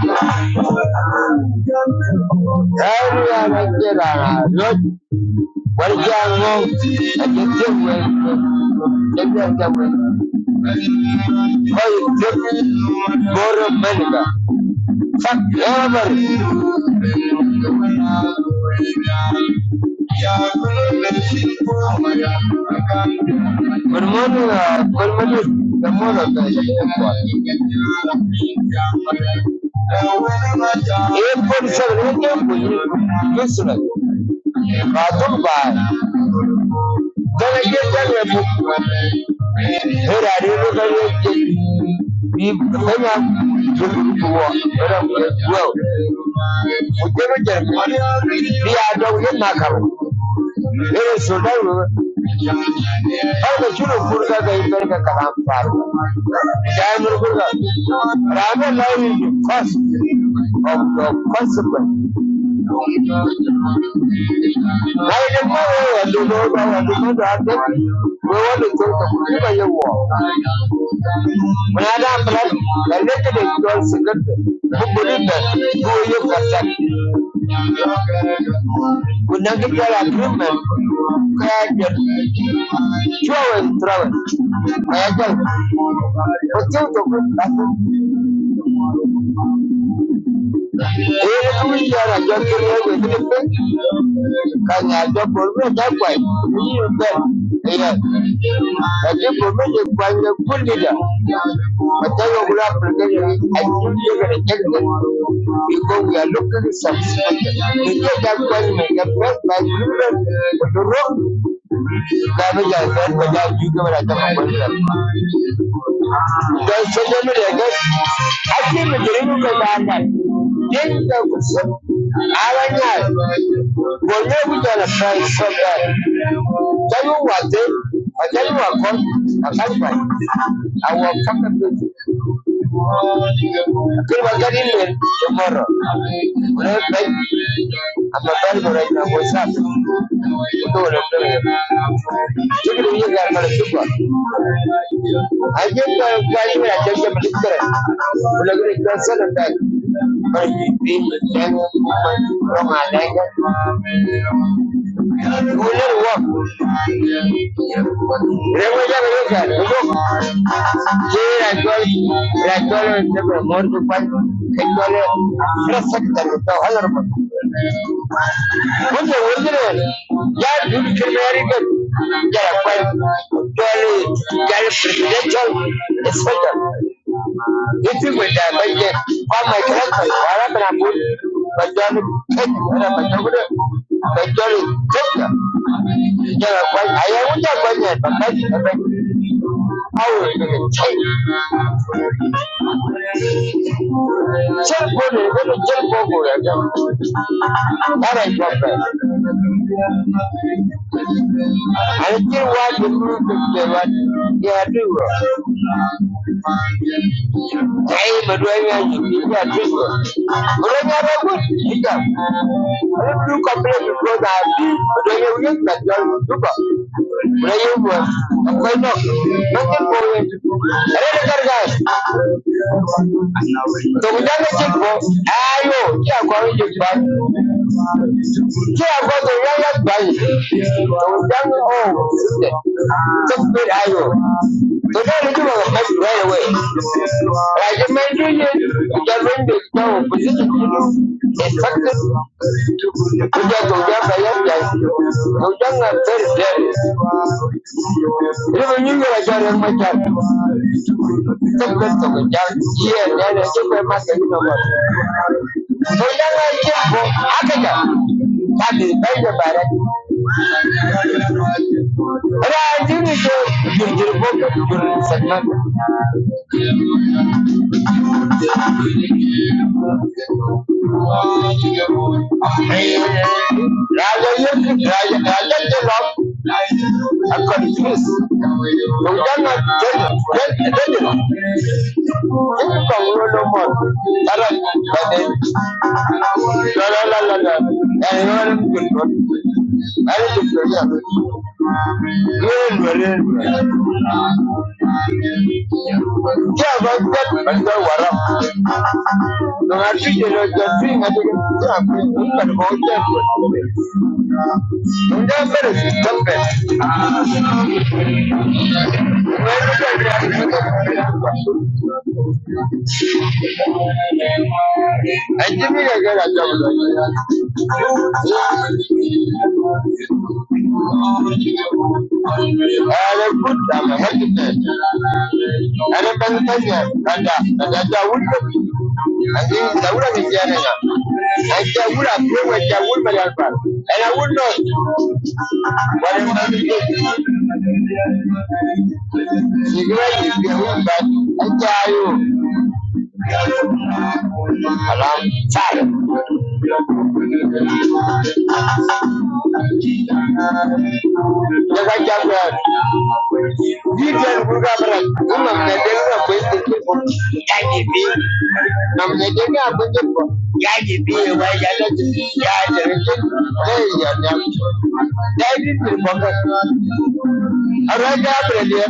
S1: Hari ada kira rot. Berjango. Ada tiwek. Ada tiwek. Boro Melika. Fuck everybody. Good morning, uh, good morning. The morning, uh, yeah, boy. 847, you can't believe it. uh, Galatia era aliruka yote ifanya tukutuwa era kuwa mujema jema ya adawu ya nakaro era sodawu hada chuno kurga ga indar ka kalam paru jaimur kurga rama lawi cost of the consequence na ile mwa wa ndio ndio ndio ndio we want to talk about Baada ya plan, la lete de John Sigurd, who believed that who you protect, who negative agreement, Kayagan, Joe Travel, Travis, Kayagan, but you to good nothing. Ebushara joki lewe nipe kanya jopo me da kwai niyo be ya ati ko me je kwanye kulida mata yo gura prege ni ajun ye ga tekne because we are looking satisfaction They get that kwai me ga best by children to rock kanu ja I ko ja ju ga ra ta ko those children I Don Sokoto Lagos, ake not Uganda, yin da kusa, a ranar, gome guda na fayi sabar, ta yi wate, a ta yi wakon, a kalfa, a it. da will Kirba gari ne, tomorrow, wani bai, a babbar burai na wasa, kudu wani bai, cikin yi garmar tuba. I get the value and I get the particular. But I to the son of that. But you feel the devil from my language. You will never walk. They will never look at you. Look. Here I call it. I call it the more to fight. I call it. Respect that with the honorable. When the wilderness, yeah, you can marry them. Yeah, fight. Tell it. Tell Presidential. It's better. Meeting with the budget, all my directors, all of them put majority, majority, majority, take them. Jana kwa, haya unja kwa nye, bakaji na kwa, au nige chai. Chai kono, kono chai kono ya jana. Hara kwa kwa. Anaji wadu, kutu kwa wadu, ya hadu wa. Hey, but when you are you are Christian, but when you are good, you can. I don't complain because I feel but when you are that you are good. when you were, I'm going up. Nothing for you to do. I don't care, guys. So we don't get it, Ayo, you are going to try care about the royal body. So that we all took good iron. So that we give our best right away. Like the man doing it, we can bring the power position. In fact, we can go down by young guys. Go down and very dead. Even you know I got in my time. Sokweto yeah, and a super master, you So I came for Akaka. That is not go to the book of the segment. Raja, Raja, Raja, the love. I'm no then, la la la la la. And you are good. I don't think you I would not. Sigira yibwe wumba ajayo alam sar. Jaga jaga. Gitan burga bara. Amma na denga ko yake ko. Yaji bi. Na na denga ko yake ko. Yaji bi wa ya da ya da ke. Dai ya da. Dai din din bonga. Araga bara ne.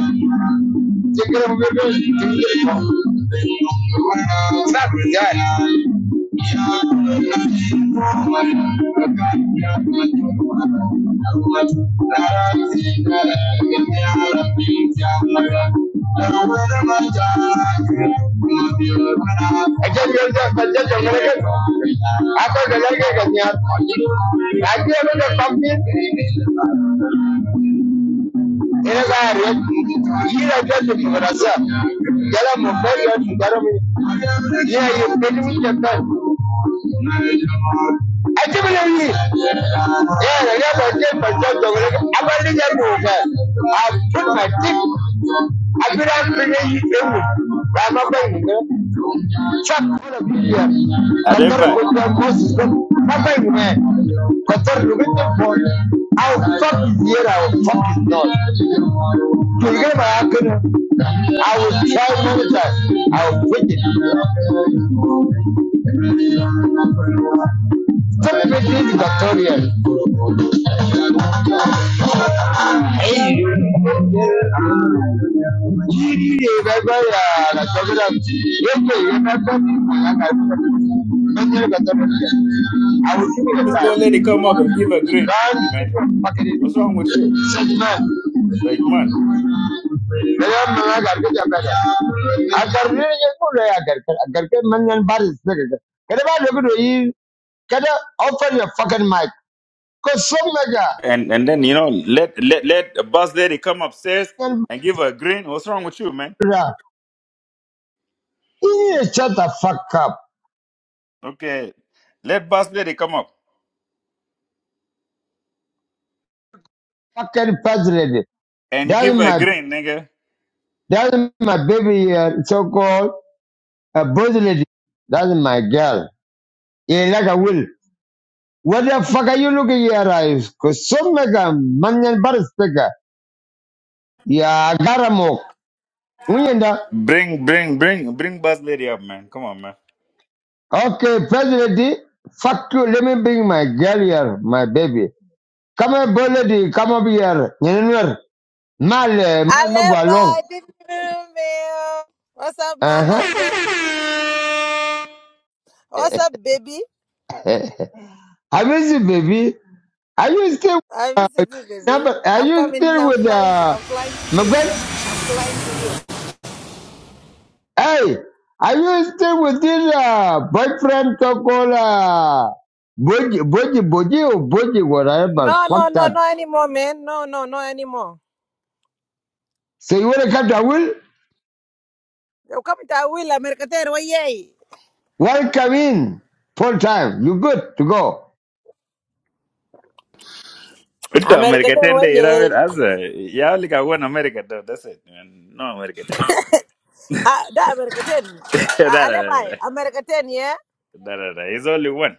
S1: Sigira mu ko sigira ko. Sab ya. Yeah, you Achibulemni. Yeah, I never take my job. I'm a little mover. I put my teeth. I put up in the I'm a bank. Chuck full of media. Qatar
S5: Adebayo,
S1: put down Moses. My bank man. Qatar look at the phone. I'll fuck his ear, I'll fuck his nose. To get my acronym, I will try many times. I'll quit it. Stop making the Hey. Yiri gaga ya la tabra yake yana gani ma yana kuma dan yana ga tabra a wuce da
S5: this
S1: ta
S5: boy lady come up and give a green
S1: ban
S5: man.
S1: cikin makare
S5: What's wrong with you?
S1: sajman
S5: Like man.
S1: da ya mana ga ga ta bada a garne ya kula ya garkar a garkar manyan baris daga ga kada ba da gudu yi kada open your fucking mic ko some mega
S5: And and then you know let let let the bus lady come upstairs
S1: and
S5: and give her a green. What's wrong with you, man?
S1: bra you shut the fuck up
S5: Okay, let bus lady come up
S1: fucking president
S5: and
S1: that's
S5: give her a
S1: my
S5: green, nigga.
S1: That's my baby, uh, so-called a boss lady. That's my girl. Yeah, like I will. What the fuck are you looking at your eyes? Cause so mega manyan barsteka. Yeah, garamok. Unyenda.
S5: Bring bring bring bring bus lady up, man. Come on, man.
S1: Okay, boss lady. Fuck you. Let me bring my girl here, my baby. Come here, boss lady. Come up here. Nyenenwer. Mal, eh,
S8: I
S1: mal
S8: left
S1: magwa long.
S8: by different mail. What's up, my
S1: Uh-huh.
S8: husband? What's up, baby?
S1: I miss you, baby. Are you still,
S8: I'm
S1: uh,
S8: visiting, baby.
S1: number- are
S8: I'm
S1: you
S8: coming.
S1: still
S8: I'm
S1: with,
S8: flying.
S1: uh,
S8: I'm flying to you.
S1: McGregor?
S8: Flying to you.
S1: Hey, are you still with this uh, boyfriend so called uh, Boji, Boji, Boji, or Boji, whatever?
S8: No,
S1: Fuck
S8: no, no,
S1: that.
S8: no anymore, man. No, no, no anymore.
S1: So you want to come to Awil?
S8: Yo, come to Awil, America 10, way yay.
S1: Welcome in full time. You good to go.
S5: Into
S8: America 10,
S5: America ten
S8: way
S5: day, you know what I
S8: yay.
S5: mean? As a yeah, like I want America though. That's it, man. No America
S8: Ah, that America 10.
S5: no, no,
S8: I left by
S5: no,
S8: America 10, yeah?
S5: no, no, no. It's only one.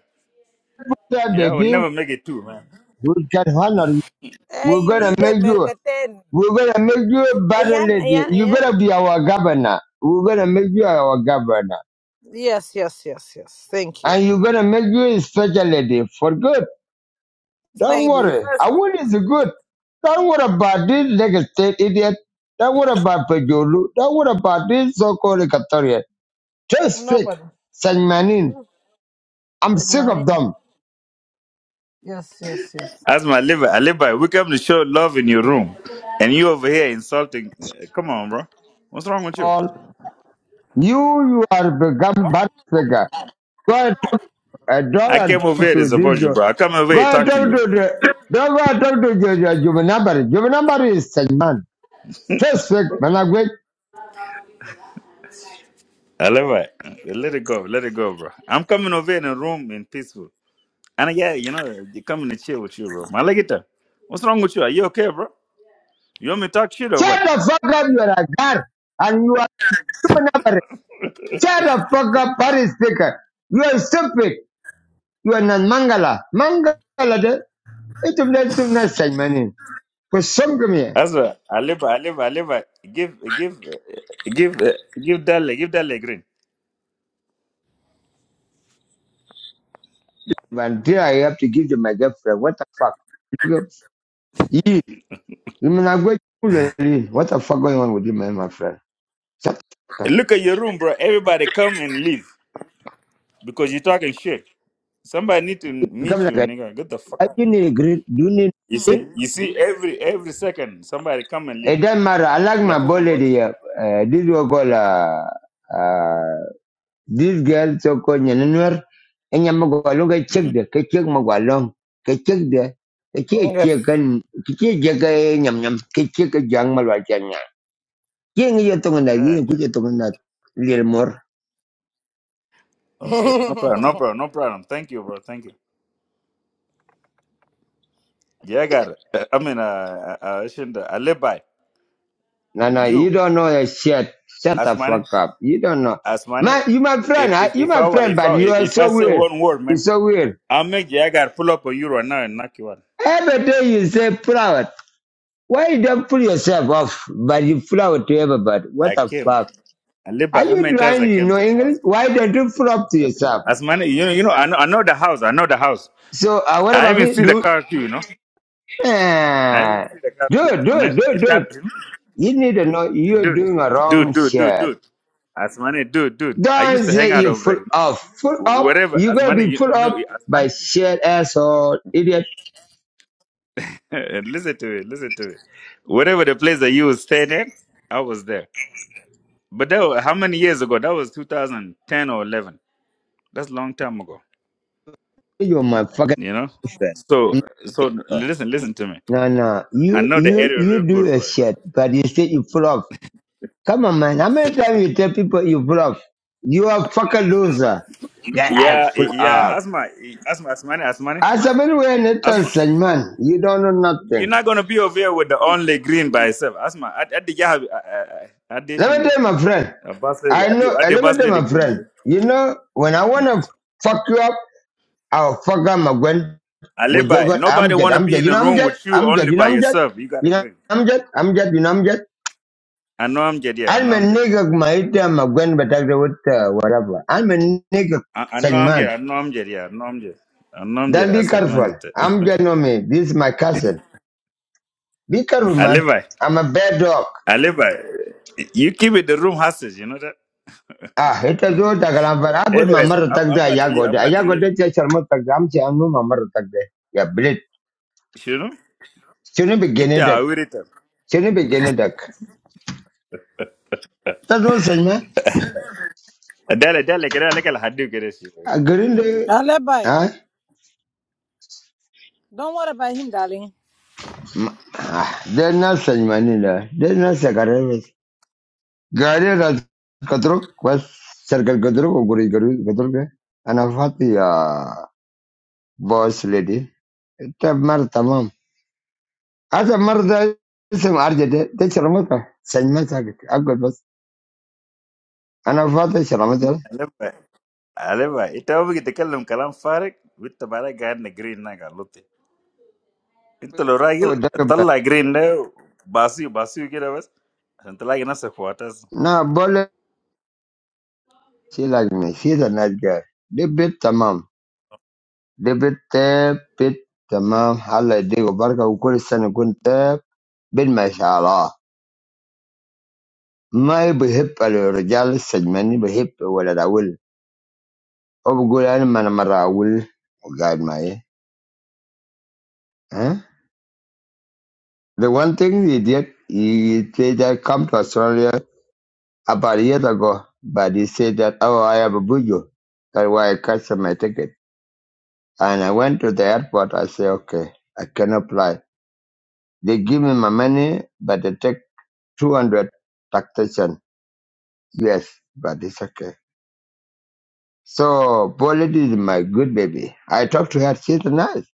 S1: Yeah,
S5: Yeah, we'll
S1: baby,
S5: never make it two, man.
S1: we can honor you. We're
S8: Hey,
S1: gonna
S8: we the
S1: make you.
S8: America 10.
S1: We're gonna make you a better
S8: Ayan,
S1: lady.
S8: ayan,
S1: You're
S8: ayan.
S1: gonna be our governor. We're gonna make you our governor,
S8: Yes, yes, yes, yes. Thank you.
S1: and you're gonna make you a special lady for good.
S8: This
S1: Don't
S8: lady,
S1: worry. Awil is good. Don't worry about this Lagos State idiot. Don't worry about Pajolu. Don't worry about this so-called Equatorian. Just fake.
S8: nobody.
S1: Saint Manin. I'm
S8: Good
S1: sick of
S8: money.
S1: them.
S8: Yes, yes, yes.
S5: That's my liver. I live by. We come to show love in your room, and you over here insulting. eh, Come on, bro. What's wrong with you?
S1: All you, you are become bad figure. Go and talk, uh,
S5: I
S1: go and
S5: came over
S1: talk
S5: here to
S1: to
S5: support
S1: this.
S5: you,
S1: Uh,
S5: bro. I come over
S1: go
S5: here to
S1: and
S5: talk to
S1: talk
S5: you.
S1: to the. Don't go and talk to your, your Juvenambari. Juvenambari is Saint Man. Just fake, Managway.
S5: I live by. Let it go. Let it go, bro. I'm coming over here in a room in peaceful. And eh, yeah, you know, they coming to chill with you, bro. I like it. uh. What's wrong with you? Are you okay, bro? You want me to talk shit or
S1: Shut
S5: what?
S1: the fuck up, you are a guard. And you are Juvenambari. Shut the fuck up, party speaker. You are stupid. You are not Mangala. Mangala, de. It will let them not say my name. For some come here.
S5: As well, Aliba, Aliba, Aliba, give, give, give, uh, give Dale, give Dale green.
S1: But dear, I have to give to my girlfriend. What the fuck? Look up. Yee. You mean I'm going to school, eh? What the fuck going on with you, man, my friend? Shut the fuck
S5: Hey,
S1: up.
S5: Look at your room, bro. Everybody come and leave because you're talking shit. Somebody need to
S1: Come
S5: meet
S1: like
S5: you,
S1: that.
S5: nigga. Get the fuck
S1: I
S5: out.
S1: do need a great, do need
S5: You
S1: it?
S5: see, you see, every every second somebody come and
S1: It
S5: leave.
S1: doesn't matter. I like
S5: Like,
S1: my
S5: come
S1: boy
S5: on, bro.
S1: lady. Uh, uh, this will call, uh, uh, This girl so called Nyanwer, and Yamagwalong, I check
S5: Mm-hmm.
S1: the Kachak Magwalong, Kachak the
S8: Yes.
S1: Kachak and Kachak Yam Yam, Kachak Jang Malwachanya. King Yatonga,
S5: God.
S1: you could Yatonga, little more.
S5: Okay. No problem. No problem. No problem. Thank you, bro. Thank you. Yeah, I got it. Uh, I mean, uh, uh, uh, Shinda, Alibi,
S1: Nana, you
S5: you,
S1: don't know a shit. Shut the
S5: Asmani,
S1: fuck up. You don't know. My,
S5: Asmani.
S1: you my friend,
S5: If
S1: huh?
S5: if
S1: you
S5: if I
S1: my
S5: were-
S1: friend,
S5: if
S1: but
S5: I
S1: you are
S5: if I
S1: so
S5: say
S1: weird.
S5: one word,
S1: You're
S5: man.
S1: so weird.
S5: I'll make you. I got to pull up a euro now and knock you out.
S1: Every day you say proud. Why you don't pull yourself off, but you flower to everybody? What
S5: I
S1: the
S5: came.
S1: fuck?
S5: I live
S1: Are
S5: by how
S1: you
S5: many times
S1: trying
S5: I
S1: to
S5: came
S1: know
S5: to the
S1: English?
S5: house.
S1: Why don't you pull up to yourself?
S5: As many, you know, you know, I know, I know the house. I know the house.
S1: So uh, what
S5: I
S1: about
S5: even
S1: me?
S5: see the
S1: Do
S5: car too, you know. I even
S1: uh,
S5: see the car
S1: do
S5: too, you
S1: do
S5: know, man.
S1: do
S5: It's
S1: do
S5: that, you know.
S1: You need to know you're
S5: Dude,
S1: doing a wrong
S5: dude, dude, dude,
S1: shirt.
S5: dude. As many, dude, dude. I
S1: Don't
S5: used to hang
S1: say
S5: out
S1: you
S5: over
S1: full
S5: there, you know.
S1: off. Full up,
S5: Whatever,
S1: you're
S5: as
S1: gonna
S5: many,
S1: be
S5: you,
S1: full
S5: you know,
S1: up
S5: as
S1: by
S5: many.
S1: shit asshole idiot.
S5: listen to it, listen to it. Whatever the place that you was staying at, I was there. But that was, how many years ago? That was 2010 or 11. That's a long time ago.
S1: You're my fucking
S5: you know. So so listen, listen to me.
S1: no no.
S5: I
S1: You
S5: know the
S1: you
S5: area
S1: you
S5: real
S1: do
S5: good,
S1: a
S5: bro. you know?
S1: shit, but you say you full off. Come on man, how many times you tell people you full off? You are a fucking loser. Get out
S5: Yeah,
S1: full off.
S5: yeah. Asma, asma, asmani, asmani,
S1: As a man when it
S5: asma.
S1: is a man, you don't know
S5: You're
S1: nothing.
S5: not gonna be over here with the only green by itself, asma. I I did have I did
S1: Let me
S5: shinda.
S1: tell my friend.
S5: A bus lady,
S1: I
S5: I did
S1: know.
S5: I
S1: eh,
S5: did
S1: Let me
S5: bus
S1: tell
S5: lady
S1: my
S5: green.
S1: friend.
S5: girl.
S1: You know, when I
S5: Mhm.
S1: wanna fuck you up, I'll fuck up my gwen with the word
S5: Nobody
S1: I'm jet.
S5: wanna
S1: I'm
S5: be
S1: jet.
S5: in
S1: You
S5: a
S1: know I'm
S5: room
S1: jet.
S5: with you
S1: I'm jet.
S5: only
S1: You know
S5: by
S1: I'm jet.
S5: yourself. You got
S1: You
S5: a
S1: know
S5: green.
S1: I'm jet. I'm jet. You know I'm jet.
S5: I know I'm dead, yeah. I
S1: I'm
S5: know
S1: a
S5: I'm dead.
S1: nigga. My ita my gwen, but I do with uh, whatever. I'm a nigga.
S5: I I
S1: Such
S5: know I'm dead.
S1: man.
S5: I know I'm dead, yeah. I know I'm dead. I know I'm dead.
S1: Then
S5: I
S1: be
S5: said,
S1: careful.
S5: man, it.
S1: I'm jet no me. This is my cousin. Be careful,
S5: I
S1: man. I'm a bad dog.
S5: Aliba, you keep it the room hostage, you know that?
S1: Ah, ita zo daga lambar. Ah, good
S5: Anyways,
S1: mamar
S5: I'm,
S1: tak
S5: I'm
S1: da
S5: about to
S1: ya
S5: leave.
S1: gode.
S5: I'm
S1: Ah,
S5: about
S1: Ya
S5: to
S1: gode
S5: leave.
S1: ce sharmu tak da amce an nu mamar tak da. Ya blit.
S5: You know?
S1: Shini
S5: It's
S1: begini dak.
S5: a weird time.
S1: Shini begini dak. Ta zo sanya.
S5: Dale, dale, كده لك الحديو كده شيء.
S1: A garin da
S8: I'll let by.
S1: ah
S8: Don't worry about him, darling.
S1: ma- ah, dai na sanya ni da. Dai na sakare ne. Gare da katro was sarkar katro ko guri guri katro ke. Ana fati ya boss lady. Ta mar tamam. Asa mar da isem arjade. Ta sharmu ka. Sanya ta. And her father, Shalamata,
S5: Aliba, Aliba, أنت ما بيجي تكلم كلام فارغ وأنت بعدين قاعد green ناقة لطي. أنت لو راجل
S1: was Dagobah.
S5: طلع green ده باسيو باسيو كده بس عشان تلاقي نفسك
S1: Now, Bola, she like me. She's a nice girl. They bit tamam. They bit tap, bit tamam. Hala, they barka, ukuri sana kun tap, bit mashallah. ما بحب الرجال السجماني بحب ولد أول هو بقول أنا ما أنا مرة أول وقاعد معي ها the one thing he did he said that come to Australia about a year ago but he said that oh I have a bujo that's why I cancel my ticket And I went to the airport. I say, okay, I cannot fly. They give me my money, but they take 200 taxation. Yes, but it's okay. So Bolet is my good baby. I talk to her. She's nice.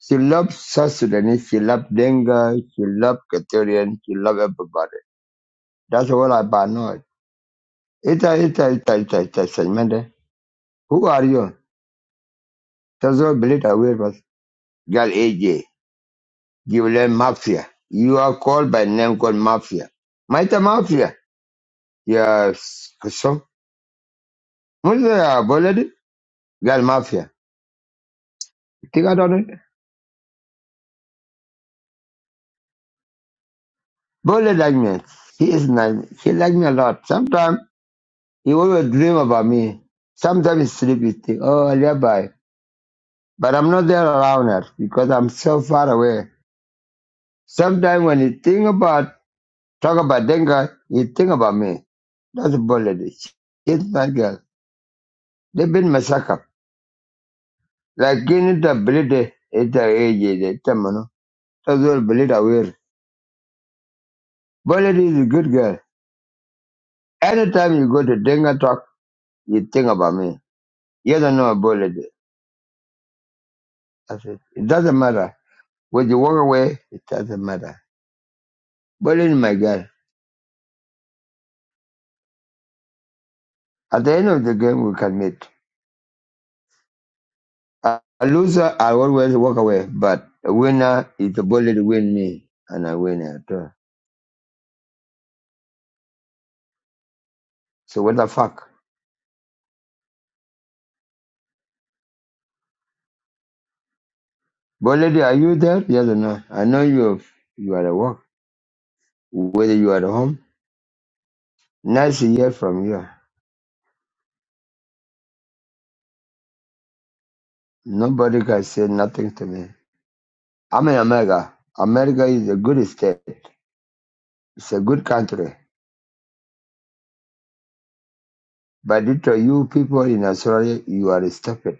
S1: She loves South Sudanese. She loves Denga. She loves Catholic. She loves everybody. That's all about know. Ita, ita, ita, ita, ita, Shanmende. Who are you? That's all believe I will was. Girl AJ. Give them Mafia. You are called by name called Mafia. Maita Mafia. Yes, for some. What's the bullet? Girl Mafia. You Think I don't know. Bullet like me. He is nice. He like me a lot. Sometimes he always dream about me. Sometimes he sleep. He think, oh, I'll by. But I'm not there around her because I'm so far away. Sometimes when you think about, talk about Denga, you think about me. That's bullet. She's my girl. They've been massacred. Lakini tablet ita eje tamano. Tazol bullet aware. Bullet is a good girl. Anytime you go to Denga talk, you think about me. Yes or no, bullet. I said, it doesn't matter. When you walk away, it doesn't matter. Bullet is my girl. At the end of the game, we can meet. A a loser, I always walk away. But a winner is the bullet win me. And I win at all. So what the fuck? Bullet, are you there? Yes or no? I know you you are at work. Whether you are at home Nice to hear from you. Nobody can say nothing to me. I'm in America. America is a good state. It's a good country. But to you people in Australia, you are stupid.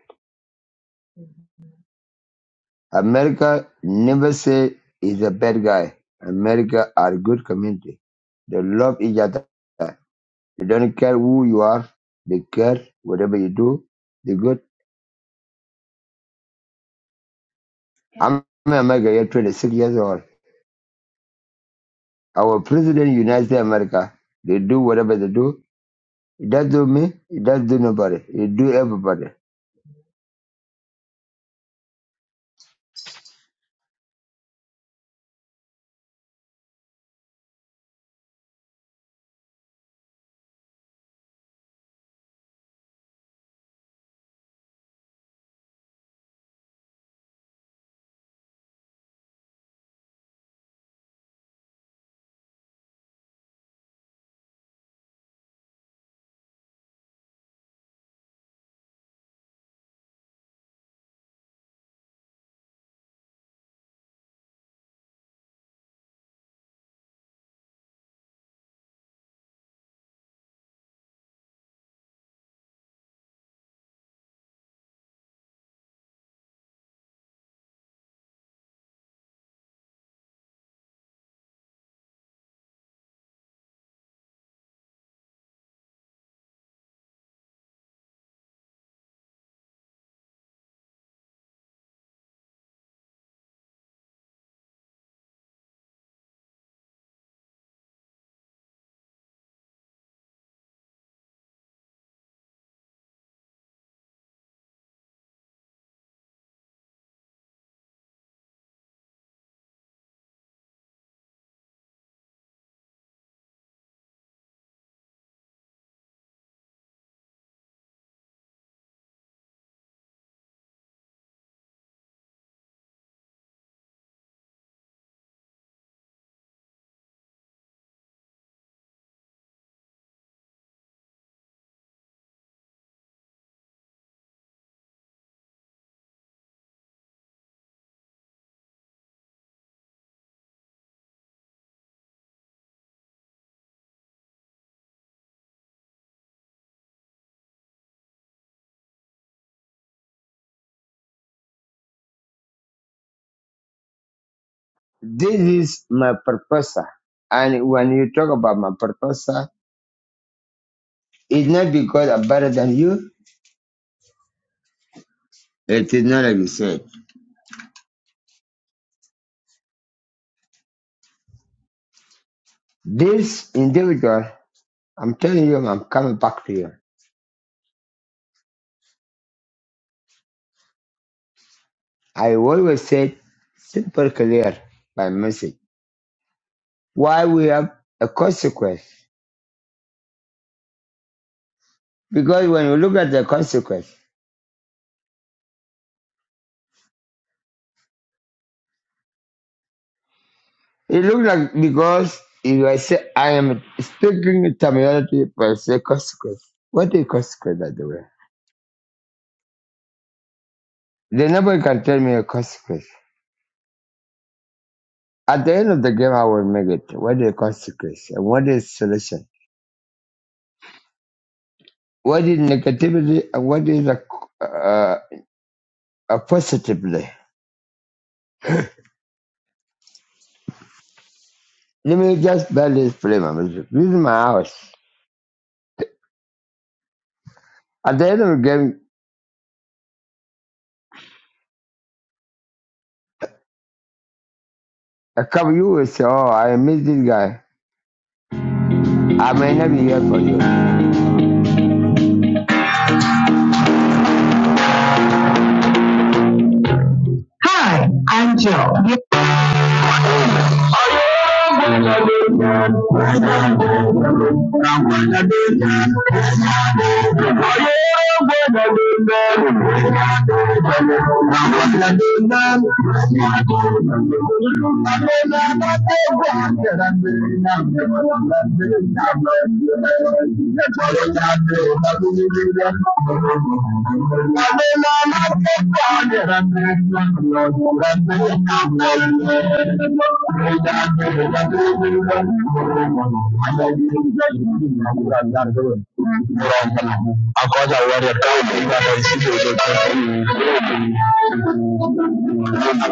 S1: America never say is a bad guy. America are good community. They love each other. They don't care who you are. They care whatever you do. They good. I'm in America. You're 26 years old. Our president, United States of America, they do whatever they do. It does do me, it does do nobody, it do everybody. This is my proposal. And when you talk about my proposal, it's not because I'm better than you, it is not like you said. This individual, I'm telling you, I'm coming back to you. I always said simple, clear, by message. Why we have a consequence? Because when you look at the consequence, It looks like because if I say I am speaking terminology but I say consequence. What is consequence by the way? Then nobody can tell me a consequence. At the end of the game I will make it. What is consequence and what is solution? What is negativity and what is a, uh, a positively? Let me just barely play my music. This is my house. At the end of the game, a couple of you will say, Oh, I miss this guy. I may not be here for you. Of course, I want to come. Thank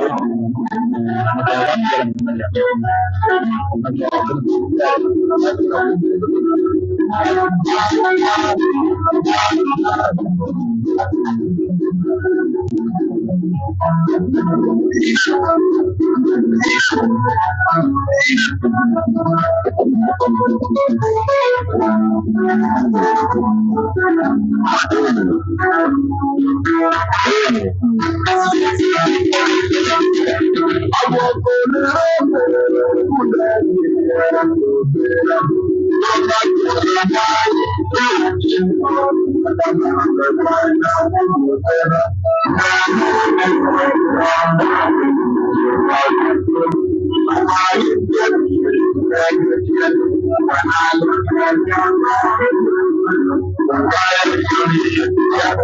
S1: you. Yira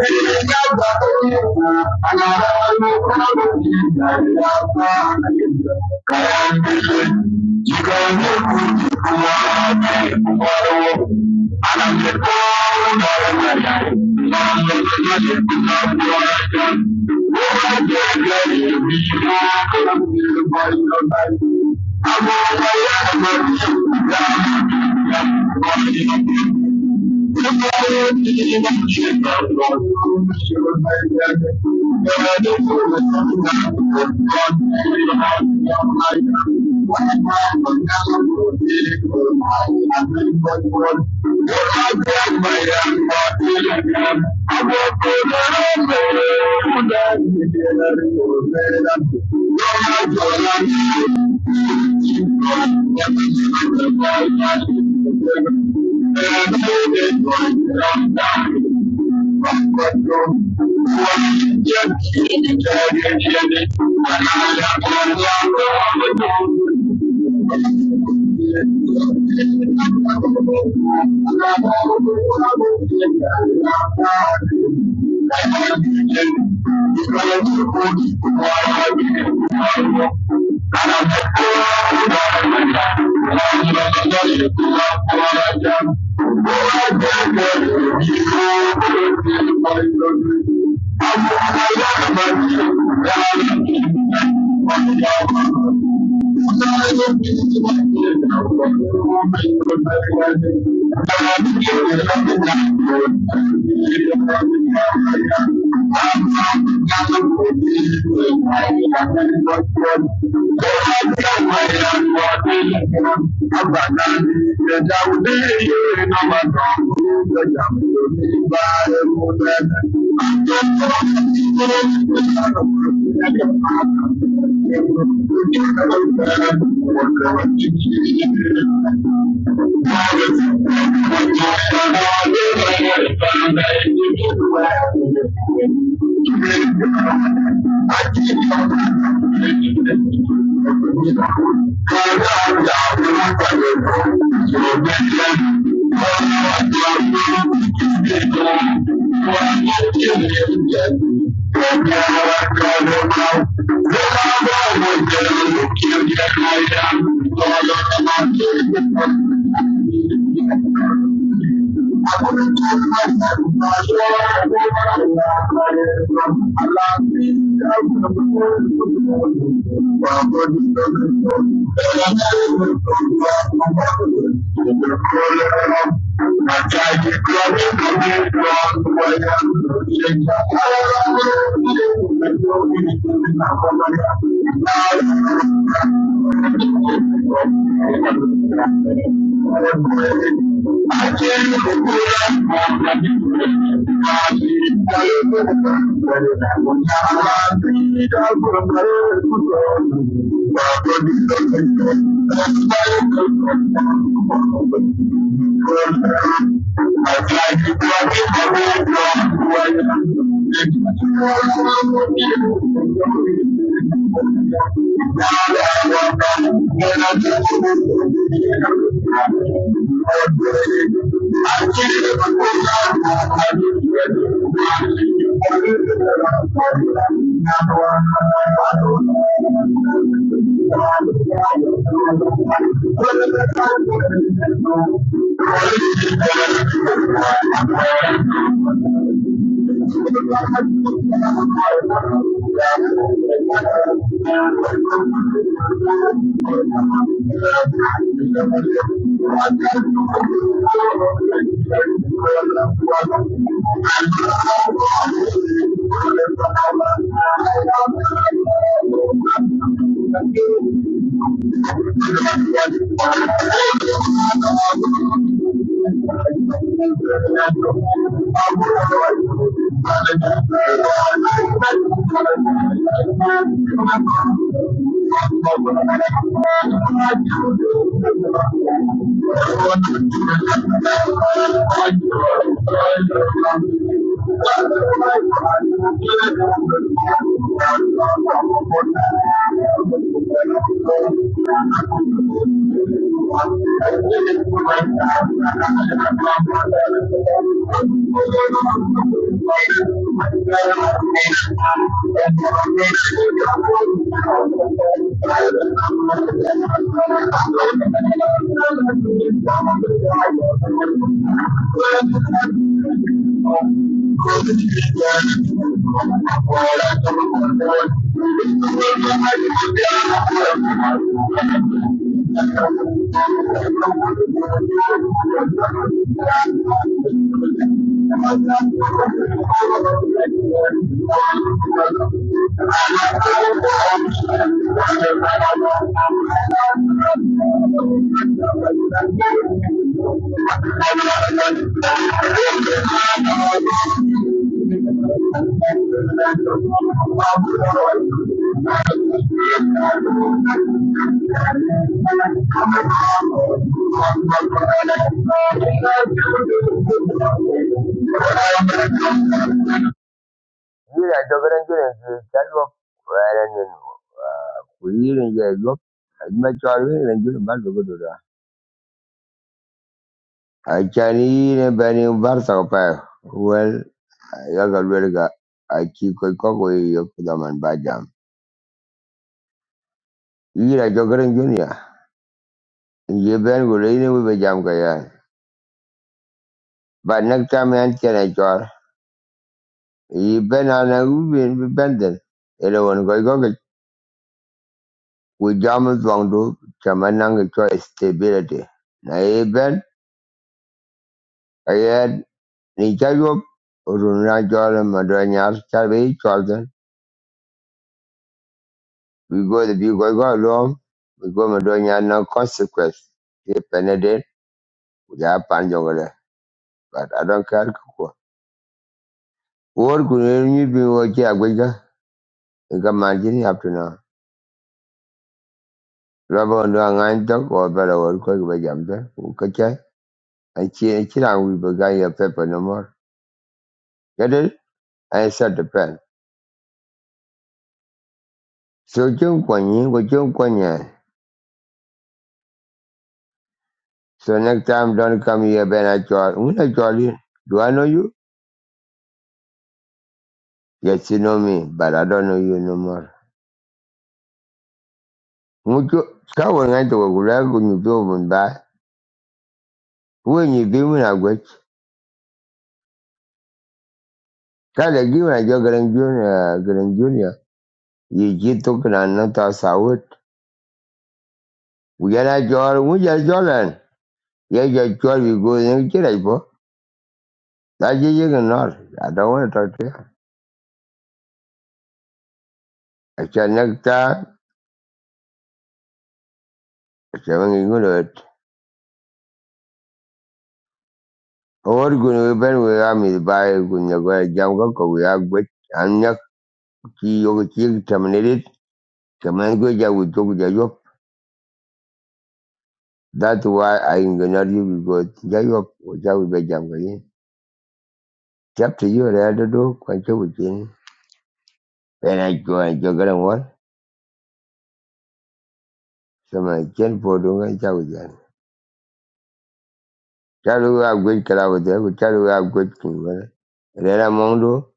S1: Achani ne bani barsa ko pa. Well, ya galwel ga achi ko ko ko yo kudaman ba jam. Ira jo gren junia. Ye ben go le ne we jam ka ya. Ba nak ta me an kene jor. Ye ben ana u ben be benden. Ele won go go we jam zwang do chamanang cho stability. Na ye ben ayen ni cha yo runa jor ma do nyar because if you go go along, we go and don't have no consequence. If anything, we have panjangale. But I don't care. What could you be watching a wigger? You can imagine up to now. Rubber and doing a dog or better work by Jamda, who catch it. And she and she and we began your paper no more. Get it? I said the pen. So Jim Quany, what Jim Quany. So next time don't come here, Ben. I call. Who I call you? Do I know you? Yes, you know me, but I don't know you no more. Ŋutsu ka wònyaite wògula gunyupiwo vundaa wenyigibu na gwech kada gibu na jo garen junior garen junior yi ji tuk na no to sawut wujana jor wuja jolan ye jo chol wi go ne chira ipo na ji ji nor I don't want to talk to you I shall next I shall ngi ngulo et or gun we ben we am is by gun ne go jam go ko we agwe an yak ki yo ki terminated kaman go ja wu tuk That's why I ignore you because Jacob was out with Jamgali. Chapter you are at the door, Quancho within. When I go and Jogan one, so my chin for doing Jagan. Chalu have good Kalawata, which Chalu have good Kingan. Rera Mondo,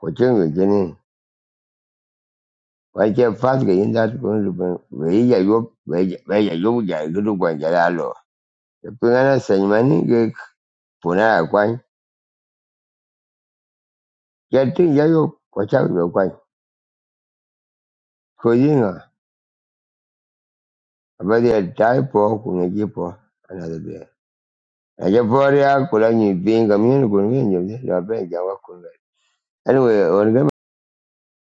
S1: Quancho within. Quite a fast get in that going to be where you where you go, good one, Jalalo. The Pungana Sanmani gave Puna Quine. Getting Jacob, watch out your Quine. Cousina, about the type of Kunajipo, another day. Naja boriak, kula nyi binga, Anyway, on